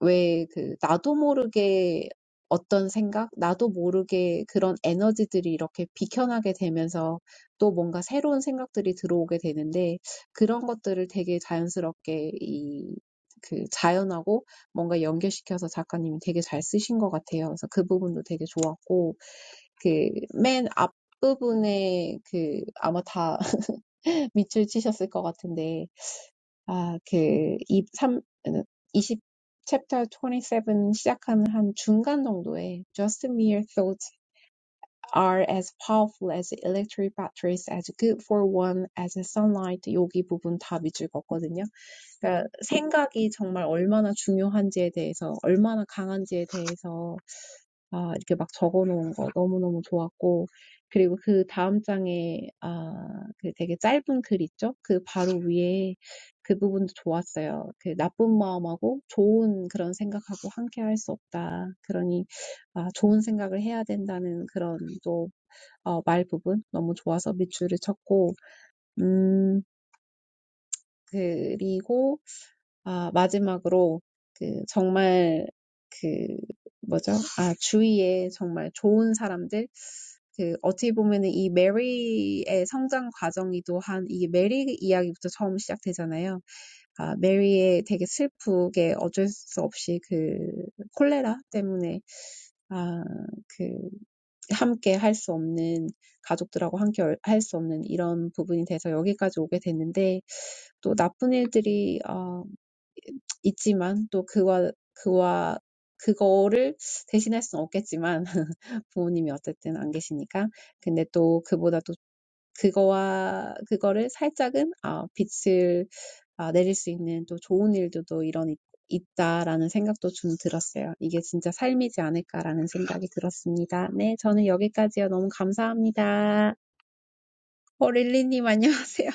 Speaker 3: 왜 그 나도 모르게 어떤 생각, 나도 모르게 그런 에너지들이 이렇게 비켜나게 되면서 또 뭔가 새로운 생각들이 들어오게 되는데 그런 것들을 되게 자연스럽게 이 그 자연하고 뭔가 연결시켜서 작가님이 되게 잘 쓰신 것 같아요. 그래서 그 부분도 되게 좋았고 그맨 앞부분에 그 아마 다 [LAUGHS] 밑줄 치셨을 것 같은데 아, 그, 23, 20, chapter 27 시작하는 한 중간 정도에 Just mere thoughts are as powerful as electric batteries, as good for one as sunlight. 여기 부분 다 밑줄 걷거든요. 그러니까 생각이 정말 얼마나 중요한지에 대해서, 얼마나 강한지에 대해서 아 이렇게 막 적어 놓은 거 너무너무 좋았고 그리고 그 다음 장에 아그 되게 짧은 글 있죠? 그 바로 위에 그 부분도 좋았어요. 그 나쁜 마음하고 좋은 그런 생각하고 함께 할수 없다. 그러니 아 좋은 생각을 해야 된다는 그런 또어말 부분 너무 좋아서 밑줄을 쳤고 음 그리고 아, 마지막으로 그 정말 그 뭐죠? 아, 주위에 정말 좋은 사람들 그 어떻게 보면은 이 메리의 성장 과정이 또한 이게 메리 이야기부터 처음 시작되잖아요. 아, 메리의 되게 슬프게 어쩔 수 없이 그 콜레라 때문에 아, 그 함께 할 수 없는 가족들하고 함께 할 수 없는 이런 부분이 돼서 여기까지 오게 됐는데 또 나쁜 일들이 있지만 또 그와 그와 그거를 대신할 수는 없겠지만 [LAUGHS] 부모님이 어쨌든 안 계시니까 근데 또 그보다 또 그거와 그거를 살짝은 아 빛을 아 내릴 수 있는 또 좋은 일도 또 이런 있- 있다라는 생각도 좀 들었어요. 이게 진짜 삶이지 않을까라는 생각이 들었습니다. 네, 저는 여기까지요. 너무 감사합니다. 어, 릴리님 안녕하세요.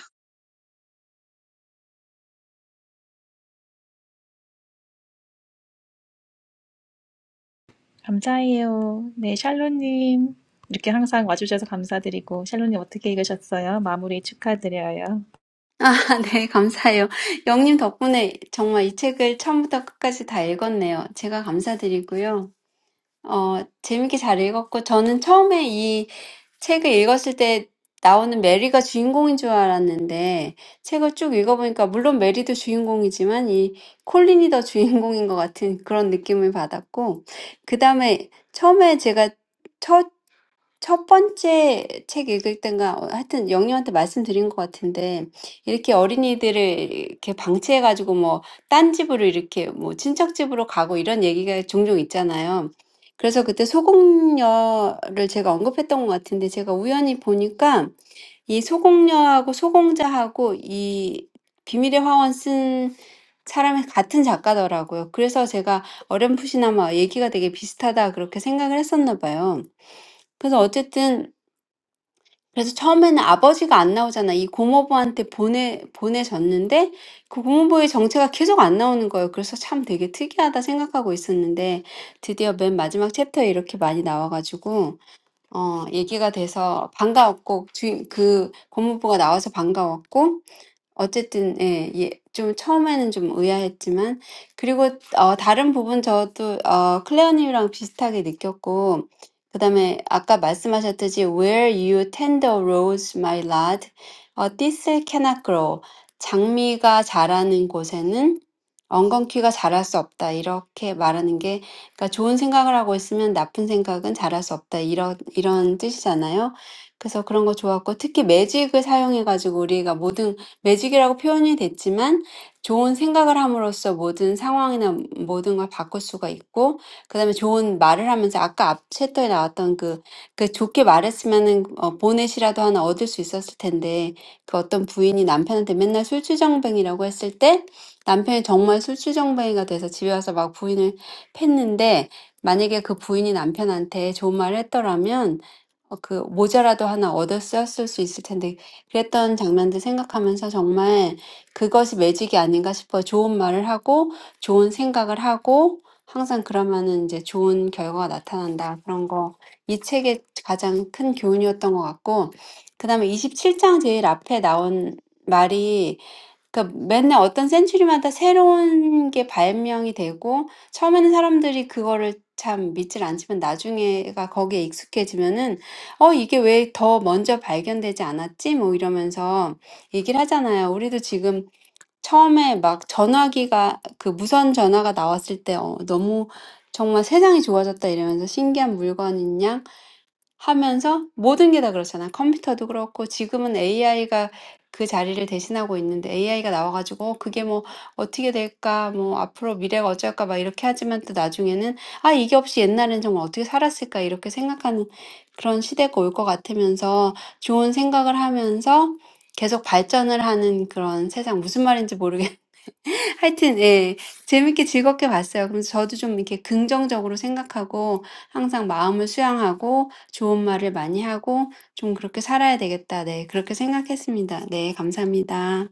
Speaker 2: 감사해요. 네, 샬로님. 이렇게 항상 와주셔서 감사드리고, 샬로님 어떻게 읽으셨어요? 마무리 축하드려요.
Speaker 1: [LAUGHS] 아, 네, 감사해요. 영님 덕분에 정말 이 책을 처음부터 끝까지 다 읽었네요. 제가 감사드리고요. 어, 재밌게 잘 읽었고, 저는 처음에 이 책을 읽었을 때 나오는 메리가 주인공인 줄 알았는데 책을 쭉 읽어보니까 물론 메리도 주인공이지만 이 콜린이 더 주인공인 것 같은 그런 느낌을 받았고 그 다음에 처음에 제가 첫 번째 책 읽을 때인가 어, 하여튼 영님한테 말씀드린 것 같은데 이렇게 어린이들을 이렇게 방치해 가지고 뭐 딴 집으로 이렇게 뭐 친척 집으로 가고 이런 얘기가 종종 있잖아요. 그래서 그때 소공녀를 제가 언급했던 것 같은데 제가 우연히 보니까 이 소공녀하고 소공자하고 이 비밀의 화원 쓴 사람이 같은 작가더라고요. 그래서 제가 어렴풋이나마 얘기가 되게 비슷하다 그렇게 생각을 했었나 봐요. 그래서 어쨌든 그래서 처음에는 아버지가 안 나오잖아. 이 고모부한테 보내, 보내졌는데 그 고모부의 정체가 계속 안 나오는 거예요. 그래서 참 되게 특이하다 생각하고 있었는데 드디어 맨 마지막 챕터에 이렇게 많이 나와가지고, 어, 얘기가 돼서 반가웠고, 주인, 그 고모부가 나와서 반가웠고, 어쨌든 예, 예, 좀 처음에는 좀 의아했지만 그리고 어, 다른 부분 저도 어, 클레어님이랑 비슷하게 느꼈고 그다음에 아까 말씀하셨듯이 Where you tender rows, my lad, 어, thistle cannot grow. 장미가 자라는 곳에는 엉겅퀴가 자랄 수 없다. 이렇게 말하는 게 그러니까 좋은 생각을 하고 있으면 나쁜 생각은 자랄 수 없다. 이런 이런 뜻이잖아요. 그래서 그런 거 좋았고 특히 매직을 사용해가지고 우리가 모든 매직이라고 표현이 됐지만 좋은 생각을 함으로써 모든 상황이나 모든 걸 바꿀 수가 있고 그다음에 좋은 말을 하면서 아까 앞 챕터에 나왔던 그, 그 좋게 말했으면은 어, 보넷이라도 하나 얻을 수 있었을 텐데 그 어떤 부인이 남편한테 맨날 술주정뱅이라고 했을 때 남편이 정말 술주정뱅이가 돼서 집에 와서 막 부인을 팼는데 만약에 그 부인이 남편한테 좋은 말을 했더라면 어, 그 모자라도 하나 얻었었을 수 있을 텐데 그랬던 장면들 생각하면서 정말 그것이 매직이 아닌가 싶어요. 좋은 말을 하고 좋은 생각을 하고 항상 그러면은 이제 좋은 결과가 나타난다. 그런 거. 이 책의 가장 큰 교훈이었던 것 같고, 그 다음에 27장 제일 앞에 나온 말이 그러니까 맨날 어떤 센츄리마다 새로운 게 발명이 되고 처음에는 사람들이 그거를 참 믿질 않지만 나중에가 거기에 익숙해지면은 어 이게 왜 더 먼저 발견되지 않았지? 뭐 이러면서 얘기를 하잖아요. 우리도 지금 처음에 막 전화기가 그 무선 전화가 나왔을 때 어, 너무 정말 세상이 좋아졌다 이러면서 신기한 물건이냐? 하면서 모든 게다 그렇잖아 컴퓨터도 그렇고 지금은 AI가 그 자리를 대신하고 있는데 AI가 나와 가지고 그게 뭐 어떻게 될까 뭐 앞으로 미래가 어쩔까 막 이렇게 하지만 또 나중에는 '아 이게 없이 옛날에는 정말 어떻게 살았을까.' 이렇게 생각하는 그런 시대가 올 것 같으면서 좋은 생각을 하면서 계속 발전을 하는 그런 세상 무슨 말인지 모르겠는데 하여튼 예. 재밌게 즐겁게 봤어요. 그래서 저도 좀 이렇게 긍정적으로 생각하고 항상 마음을 수양하고 좋은 말을 많이 하고 좀 그렇게 살아야 되겠다. 네. 그렇게 생각했습니다. 네. 감사합니다.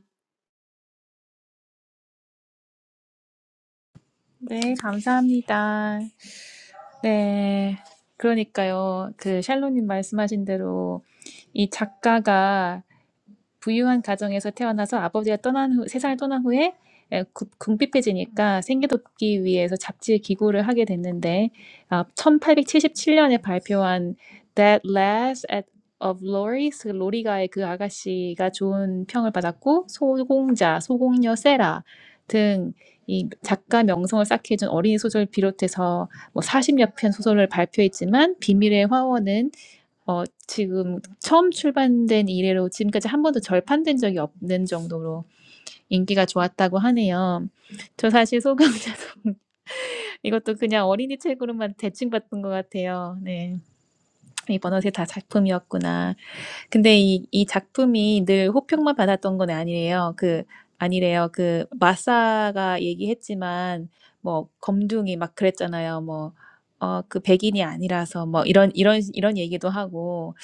Speaker 2: 네, 감사합니다. 네, 그러니까요. 그 샬로님 말씀하신 대로 이 작가가 부유한 가정에서 태어나서 아버지가 떠난 후, 세상을 떠난 후에 에, 구- 궁핍해지니까 생계돕기 위해서 잡지에 기고를 하게 됐는데 아, 1877년에 발표한 That Last at of Loris, 그 로리가의 그 아가씨가 좋은 평을 받았고 소공자, 소공녀 세라 등 이 작가 명성을 쌓게 해준 어린이 소설 비롯해서 뭐 40여 편 소설을 발표했지만 비밀의 화원은 어 지금 처음 출간된 이래로 지금까지 한 번도 절판된 적이 없는 정도로 인기가 좋았다고 하네요. 저 사실 소감자성 [LAUGHS] 이것도 그냥 어린이 책으로만 대칭 봤던 것 같아요. 네. 이번 옷이 다 작품이었구나. 근데 이, 이 작품이 늘 호평만 받았던 건 아니래요. 그, 아니래요. 그, 마사가 얘기했지만, 뭐, 검둥이 막 그랬잖아요. 뭐, 어, 그 백인이 아니라서, 뭐, 이런, 이런, 이런 얘기도 하고.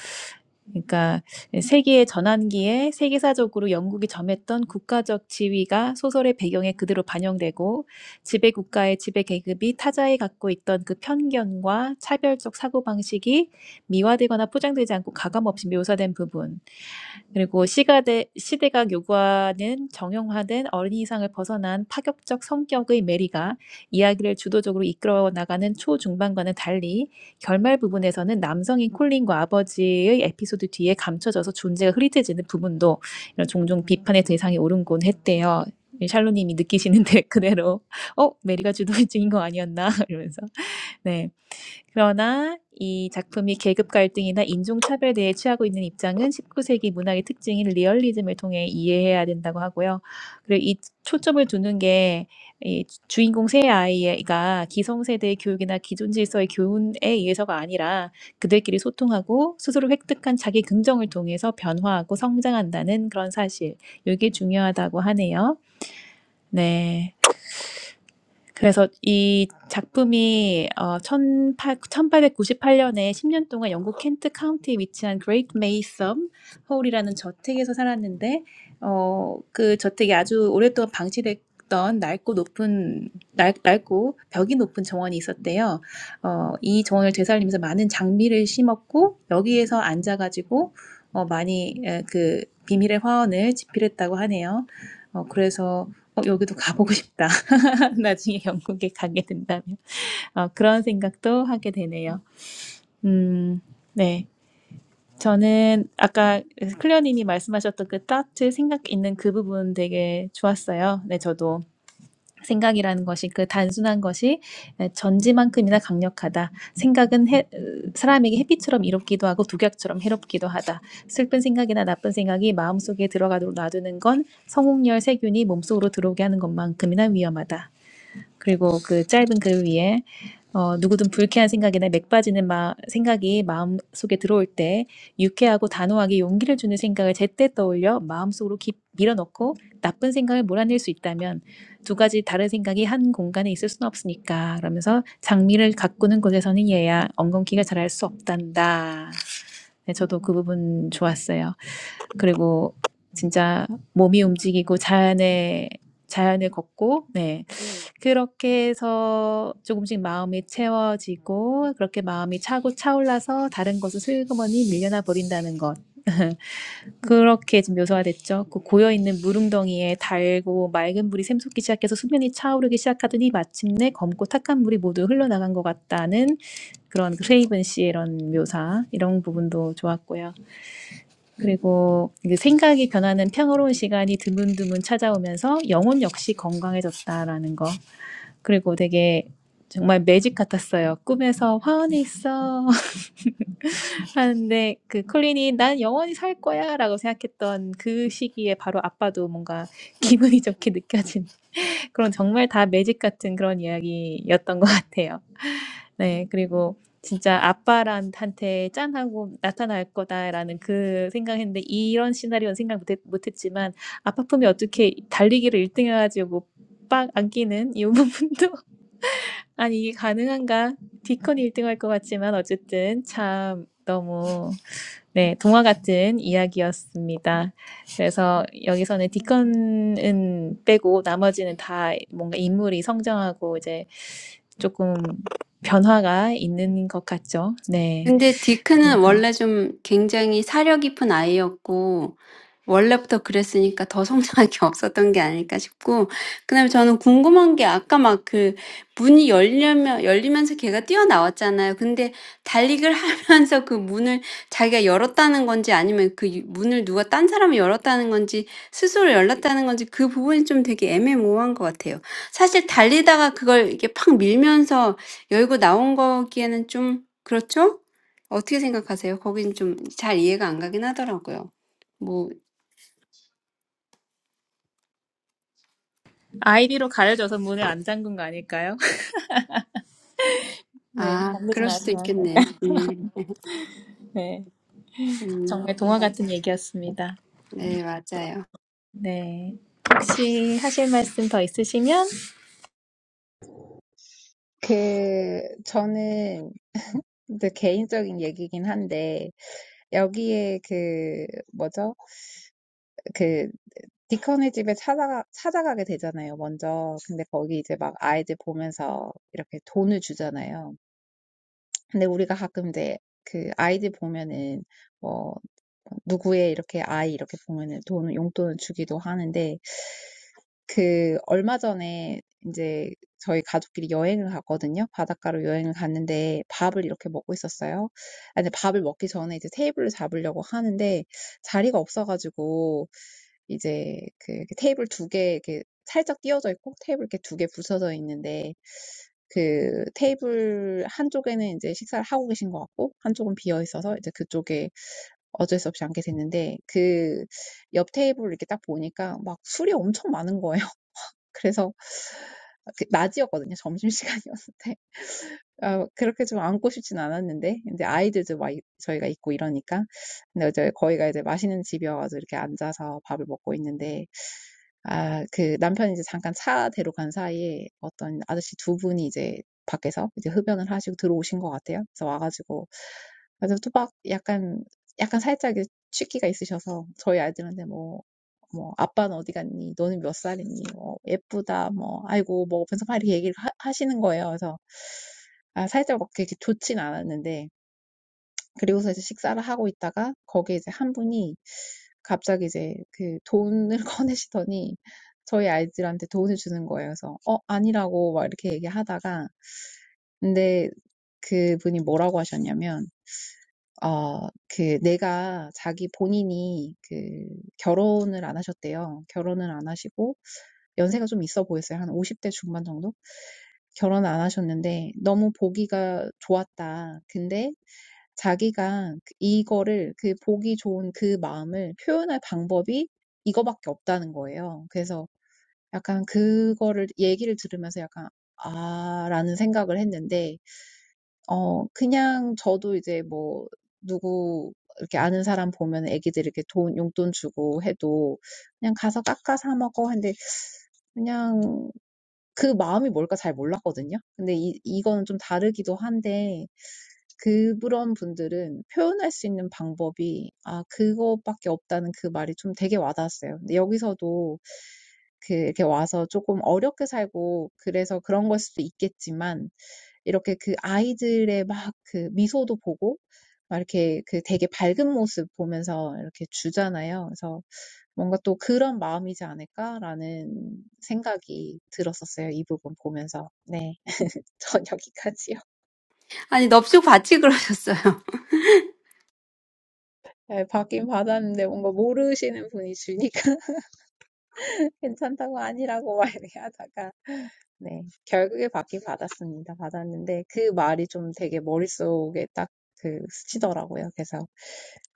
Speaker 2: 그러니까, 세기의 전환기에 세계사적으로 영국이 점했던 국가적 지위가 소설의 배경에 그대로 반영되고, 지배 국가의 지배 계급이 타자에 갖고 있던 그 편견과 차별적 사고방식이 미화되거나 포장되지 않고 가감없이 묘사된 부분, 그리고 시가대, 시대가 요구하는 정형화된 어린이상을 벗어난 파격적 성격의 메리가 이야기를 주도적으로 이끌어 나가는 초중반과는 달리 결말 부분에서는 남성인 콜린과 아버지의 에피소드 뒤에 감춰져서 존재가 흐릿해지는 부분도 이런 종종 비판의 대상이 오른곤 했대요. 샬로님이 느끼시는데 [LAUGHS] 그대로 어 메리가 주도적인 거 아니었나 [LAUGHS] 이러면서 네. 그러나 이 작품이 계급 갈등이나 인종차별에 대해 취하고 있는 입장은 19세기 문학의 특징인 리얼리즘을 통해 이해해야 된다고 하고요. 그리고 이 초점을 두는 게 이 주인공 세 아이가 기성세대의 교육이나 기존 질서의 교훈에 의해서가 아니라 그들끼리 소통하고 스스로 획득한 자기 긍정을 통해서 변화하고 성장한다는 그런 사실. 이게 중요하다고 하네요. 네. 그래서 이 작품이 어18 1898년에 10년 동안 영국 켄트 카운티에 위치한 그레이트 메이섬 허울이라는 저택에서 살았는데 어그 저택이 아주 오랫동안 방치됐던 낡고 높은 낡, 낡고 벽이 높은 정원이 있었대요. 어, 이 정원을 되살리면서 많은 장미를 심었고 여기에서 앉아가지고 어, 많이 에, 그 비밀의 화원을 집필했다고 하네요. 어, 그래서 어, 여기도 가보고 싶다. [LAUGHS] 나중에 영국에 가게 된다면 어, 그런 생각도 하게 되네요. 음, 네. 저는 아까 클리어님이 말씀하셨던 그 따트 생각 있는 그 부분 되게 좋았어요. 네, 저도 생각이라는 것이 그 단순한 것이 네, 전지만큼이나 강력하다. 생각은 해, 사람에게 햇빛처럼 이롭기도 하고 독약처럼 해롭기도 하다. 슬픈 생각이나 나쁜 생각이 마음속에 들어가도록 놔두는 건 성홍열 세균이 몸속으로 들어오게 하는 것만큼이나 위험하다. 그리고 그 짧은 글 위에 어, 누구든 불쾌한 생각이나 맥빠지는 마, 생각이 마음속에 들어올 때 유쾌하고 단호하게 용기를 주는 생각을 제때 떠올려 마음속으로 깊 밀어넣고 나쁜 생각을 몰아낼 수 있다면 두 가지 다른 생각이 한 공간에 있을 수는 없으니까 그러면서 장미를 가꾸는 곳에서는 얘야 엉겅퀴가 자랄 수 없단다. 네, 저도 그 부분 좋았어요. 그리고 진짜 몸이 움직이고 자연에 자연을 걷고 네 그렇게 해서 조금씩 마음이 채워지고 그렇게 마음이 차고 차올라서 다른 것은 슬그머니 밀려나 버린다는 것. [LAUGHS] 그렇게 지금 묘사가 됐죠. 그 고여있는 물웅덩이에 달고 맑은 물이 샘솟기 시작해서 수면이 차오르기 시작하더니 마침내 검고 탁한 물이 모두 흘러나간 것 같다는 그런 크레이븐 씨의 이런 묘사 이런 부분도 좋았고요. 그리고 이제 생각이 변하는 평화로운 시간이 드문드문 찾아오면서 영혼 역시 건강해졌다라는 거. 그리고 되게 정말 매직 같았어요. 꿈에서 화원에 있어 [LAUGHS] 하는데 그 콜린이 난 영원히 살 거야라고 생각했던 그 시기에 바로 아빠도 뭔가 기분이 좋게 느껴진 그런 정말 다 매직 같은 그런 이야기였던 것 같아요. 네, 그리고 진짜 아빠한테 짠하고 나타날 거다라는 그 생각했는데 이런 시나리오는 생각 못, 했, 못 했지만 아빠 품에 어떻게 달리기를 1등 해가지고 빡 안기는 이 부분도 an, is it possible? Dicon will win first place, but anyway, it was such a fairy tale. So here, Dicon is out, and the rest are all characters who grow and
Speaker 1: 근데 디크는
Speaker 2: change. So,
Speaker 1: 원래 좀 굉장히 사려 깊은 아이였고 원래부터 그랬으니까 더 성장할 게 [LAUGHS] 없었던 게 아닐까 싶고 그다음에 저는 궁금한 게 아까 막그 문이 열려면 열리면서 걔가 뛰어나왔잖아요. 근데 달리기를 [LAUGHS] 하면서 그 문을 자기가 열었다는 건지 아니면 그 유- 문을 누가 딴 사람이 열었다는 건지 스스로 열렸다는 건지 그 부분이 좀 되게 애매모호한 것 같아요. 사실 달리다가 그걸 이렇게 팍 밀면서 열고 나온 거기에는 좀 그렇죠? 어떻게 생각하세요? 거긴 좀잘 이해가 안 가긴 하더라고요. 뭐,
Speaker 2: ID is hidden, so the door is not closed. It
Speaker 1: 아,
Speaker 2: was
Speaker 1: 그럴
Speaker 2: really a fairy tale. Do
Speaker 1: 수도 있겠네요. 음, 음,
Speaker 2: you have
Speaker 1: 네, 맞아요.
Speaker 2: anything else to say? [LAUGHS]
Speaker 3: 그, 저는 이제 개인적인 얘기긴 한데, 여기에 그 뭐죠? 그 디컨의 집에 찾아가 찾아가게 되잖아요, 먼저. 근데 거기 이제 막 아이들 보면서 이렇게 돈을 주잖아요. 근데 우리가 가끔 이제 그 아이들 보면은 뭐 누구의 이렇게 아이 이렇게 보면은 돈을 용돈을 주기도 하는데 그 얼마 전에 이제 저희 가족끼리 여행을 갔거든요. 바닷가로 여행을 갔는데 밥을 이렇게 먹고 있었어요. 아 근데 밥을 먹기 전에 이제 테이블을 잡으려고 하는데 자리가 없어가지고 이제 그 이렇게 테이블 두 개 이렇게 살짝 띄어져 있고 테이블 이렇게 두개 붙여져 있는데 그 테이블 한쪽에는 이제 식사를 하고 계신 것 같고 한쪽은 비어 있어서 이제 그쪽에 어쩔 수 없이 앉게 됐는데 그 옆 테이블 이렇게 딱 보니까 막 술이 엄청 많은 거예요. 그래서 낮이었거든요. 점심시간이었는데. 아, 그렇게 좀 안고 싶진 않았는데, 이제 아이들도 막 저희가 있고 이러니까. 근데 이제 거기가 이제 맛있는 집이어가지고 이렇게 앉아서 밥을 먹고 있는데, 아, 그 남편이 이제 잠깐 차 대로 간 사이에 어떤 아저씨 두 분이 이제 밖에서 이제 흡연을 하시고 들어오신 것 같아요. 그래서 와가지고, 그래서 또박 약간, 약간 살짝 취기가 있으셔서 저희 아이들한테 뭐, 뭐, 아빠는 어디 갔니? 너는 몇 살이니? 뭐, 예쁘다. 뭐, 아이고, 뭐, 어면서 막 이렇게 얘기를 하, 하시는 거예요. 그래서, 아, 살짝 막 그렇게 좋진 않았는데, 그리고서 이제 식사를 하고 있다가 거기에 이제 한 분이 갑자기 이제 그 돈을 [LAUGHS] 꺼내시더니 저희 아이들한테 돈을 주는 거예요. 그래서 어 아니라고 막 이렇게 얘기하다가 근데 그 분이 뭐라고 하셨냐면 어, 그 내가 자기 본인이 그 결혼을 안 하셨대요. 결혼을 안 하시고 연세가 좀 있어 보였어요. 한 50대 중반 정도? 결혼 안 하셨는데 너무 보기가 좋았다. 근데 자기가 그- 이거를 그 보기 좋은 그 마음을 표현할 방법이 이거밖에 없다는 거예요. 그래서 약간 그거를 얘기를 들으면서 약간 아, 라는 생각을 했는데, 어, 그냥 저도 이제 뭐, 누구, 이렇게 아는 사람 보면 애기들 이렇게 돈, 용돈 주고 해도 그냥 가서 깎아 사 먹어. 근데 그냥 그 마음이 뭘까 잘 몰랐거든요. 근데 이, 이거는 좀 다르기도 한데, 그런 분들은 표현할 수 있는 방법이, 아, 그거밖에 없다는 그 말이 좀 되게 와닿았어요. 근데 여기서도 그, 이렇게 와서 조금 어렵게 살고, 그래서 그런 걸 수도 있겠지만, 이렇게 그 아이들의 막그 미소도 보고, 막 이렇게 그 되게 밝은 모습 보면서 이렇게 주잖아요. 그래서 뭔가 또 그런 마음이지 않을까라는 생각이 들었었어요. 이 부분 보면서. [LAUGHS] 전 여기까지요.
Speaker 1: 아니, 넙죽 같이 그러셨어요. [LAUGHS]
Speaker 3: 네, 받긴 받았는데 뭔가 모르시는 분이 주니까 [LAUGHS] 괜찮다고 아니라고 막 하다가 네, 결국에 받긴 받았습니다. 받았는데 그 말이 좀 되게 머릿속에 딱 그 스치더라고요. 그래서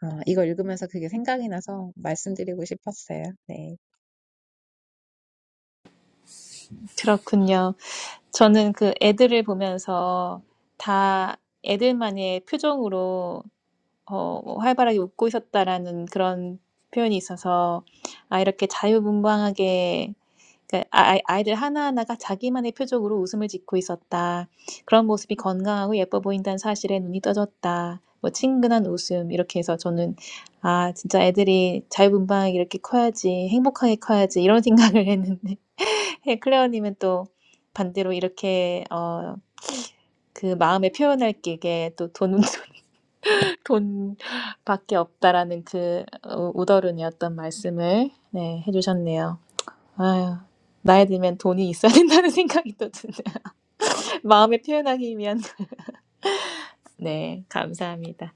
Speaker 3: 아, 이거 읽으면서 그게 생각이 나서 말씀드리고 싶었어요. 네.
Speaker 2: 그렇군요. 저는 그 애들을 보면서 다 애들만의 표정으로 어, 활발하게 웃고 있었다라는 그런 표현이 있어서 아, 이렇게 자유분방하게 그러니까 아- 아이- 아이들 하나하나가 자기만의 표정으로 웃음을 짓고 있었다. 그런 모습이 건강하고 예뻐 보인다는 사실에 눈이 떠졌다. 뭐 친근한 웃음 이렇게 해서 저는 아 진짜 애들이 자유분방하게 이렇게 커야지 행복하게 커야지 이런 [LAUGHS] 생각을 했는데 예, 클레어님은 또 반대로 이렇게 어, 그 마음에 표현할 게 또 돈, [LAUGHS] 돈밖에 없다라는 그 우- 우더른이었던 말씀을 네, 해주셨네요. 아유, 나이 들면 돈이 있어야 된다는 [LAUGHS] 생각이 또 드네요. 마음에 표현하기 위한. [LAUGHS] 네, 감사합니다.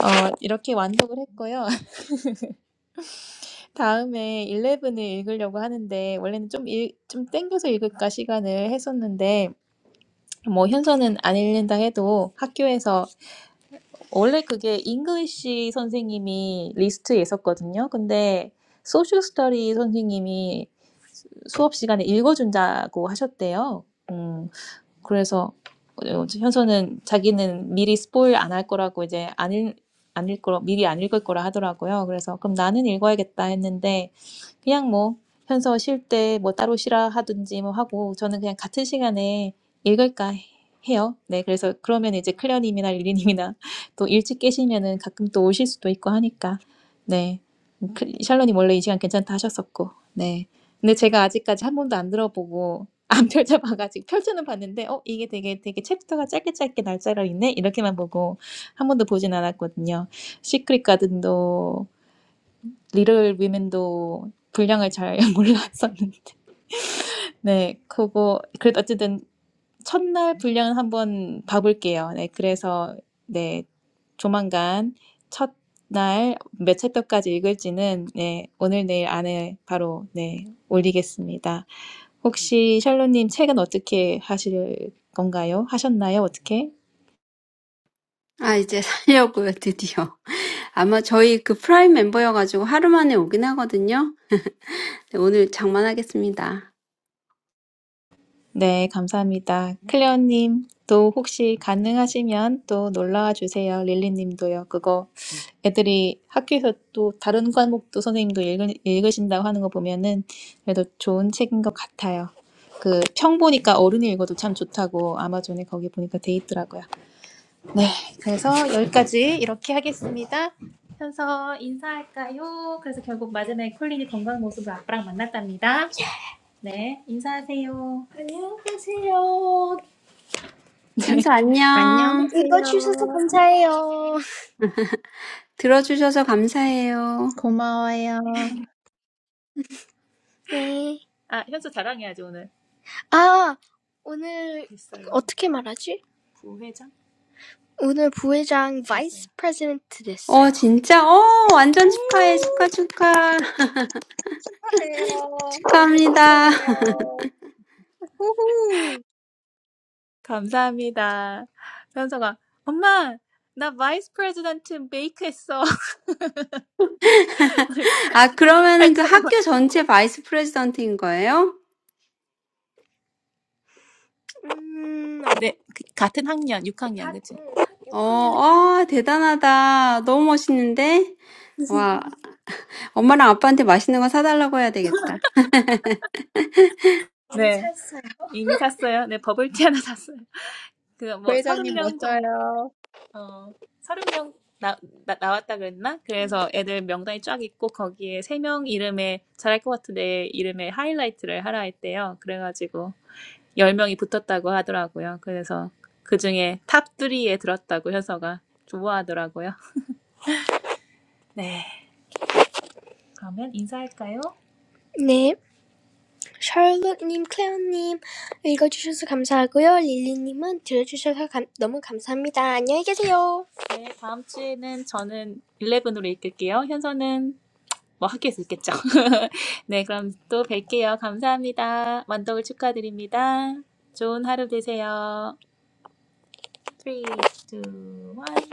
Speaker 2: 어, 이렇게 완독을 했고요. [LAUGHS] 다음에 일레븐을 읽으려고 하는데, 원래는 좀, 일, 좀 땡겨서 읽을까 시간을 했었는데, 뭐, 현서는 안 읽는다 해도 학교에서 원래 그게 잉글리시 선생님이 리스트에 있었거든요. 근데 소셜 스터디 선생님이 수- 수업 시간에 읽어준다고 하셨대요. 음, 그래서 어, 현서는 자기는 미리 스포일 안 할 거라고 이제 안 읽, 안 읽, 미리 안 읽을 거라 하더라고요. 그래서 그럼 나는 읽어야겠다 했는데 그냥 뭐 편서 쉴 때 뭐 따로 쉬라 하든지 뭐 하고 저는 그냥 같은 시간에 읽을까 해요. 네, 그래서 그러면 이제 클레어님이나 릴리님이나 [LAUGHS] 또 일찍 깨시면은 가끔 또 오실 수도 있고 하니까 네, 그- 샬론님 원래 이 시간 괜찮다 하셨었고 네, 근데 제가 아직까지 한 번도 안 들어보고 [LAUGHS] 안 펼쳐봐가지고 펼쳐는 봤는데 어 이게 되게 되게 챕터가 짧게 짧게 날짜로 있네 이렇게만 보고 한 번도 보진 않았거든요. 시크릿 가든도 리틀 위맨도 분량을 잘 [LAUGHS] 몰랐었는데 네 그거 그래도 어쨌든 첫날 분량은 한번 봐볼게요. 네 그래서 네 조만간 첫날 몇 챕터까지 읽을지는 네 오늘 내일 안에 바로 네 올리겠습니다. 혹시 샬로님 책은 어떻게 하실 건가요? 하셨나요? 어떻게?
Speaker 1: 아, 이제 살려고요, 드디어. 아마 저희 그 프라임 멤버여가지고 하루 만에 오긴 하거든요. 네, 오늘 장만하겠습니다.
Speaker 2: 네, 감사합니다. 클레어님, 또 혹시 가능하시면 또 놀러와 주세요. 릴리님도요. 그거 애들이 학교에서 또 다른 과목도 선생님도 읽으, 읽으신다고 하는 거 보면은 그래도 좋은 책인 것 같아요. 그 평 보니까 어른이 읽어도 참 좋다고 아마존에 거기 보니까 돼 있더라고요. 네, 그래서 여기까지 이렇게 하겠습니다. 현서 인사할까요? 그래서 결국 마지막에 콜린이 건강한 모습으로 아빠랑 만났답니다. 네, 인사하세요. 안녕하세요.
Speaker 1: 현수
Speaker 3: 안녕하세요.
Speaker 1: 안녕. 들어주셔서 감사해요.
Speaker 3: 고마워요.
Speaker 2: 네. 아, 현서 자랑해야지 오늘. 아, 오늘 됐어요. 어떻게 말하지? 부회장. 오늘 부회장 바이스 프레지던트
Speaker 1: 어,
Speaker 2: 됐어요.
Speaker 1: 진짜? 어, 완전 축하해.
Speaker 3: [LAUGHS]
Speaker 1: 축하, 축하. [LAUGHS]
Speaker 3: 축하해요. 정말
Speaker 1: 축하합니다.
Speaker 3: 축하해요. 후후.
Speaker 2: 감사합니다. 현서가 엄마 나 바이스 프레지던트 메이크 했어. [LAUGHS] 오늘 잘,
Speaker 1: 아,
Speaker 2: 잘
Speaker 1: 그러면은 그
Speaker 2: 타다.
Speaker 1: 학교 전체 바이스 프레지던트인 거예요?
Speaker 2: 음, 네, 그- 같은 학년, 6학년, 그치?
Speaker 1: 어,
Speaker 2: 육 학년에.
Speaker 1: 아, 대단하다. 너무 멋있는데? 와,
Speaker 2: [LAUGHS]
Speaker 1: 엄마랑 아빠한테 맛있는 거 사달라고 해야 되겠다.
Speaker 2: 네. 샀어요. 이미 샀어요. 네, 버블티 하나 샀어요. 그 뭐 서른
Speaker 3: 부회장님
Speaker 2: 명 정도,
Speaker 3: 멋져요.
Speaker 2: 어, 서른 명 나, 나, 나왔다 그랬나? 그래서 애들 명단이 쫙 있고 거기에 세 명 이름에 잘할 것 같은데 이름에 하이라이트를 하라 했대요. 그래가지고 열 명이 붙었다고 붙었다고 하더라고요. 그래서 그중에 탑3에 들었다고 현서가 좋아하더라고요. 네. 그러면 인사할까요? 네, 샬롯님, 클레어님 읽어주셔서 감사하고요. 릴리님은 들어주셔서 감- 너무 감사합니다. 안녕히 계세요. 네, 다음 주에는 저는 11으로 읽을게요. 현서는 뭐 학교에서 읽겠죠. [LAUGHS] 네, 그럼 또 뵐게요. 감사합니다. 완독을 축하드립니다. 좋은 하루 되세요. 3, 2, 1.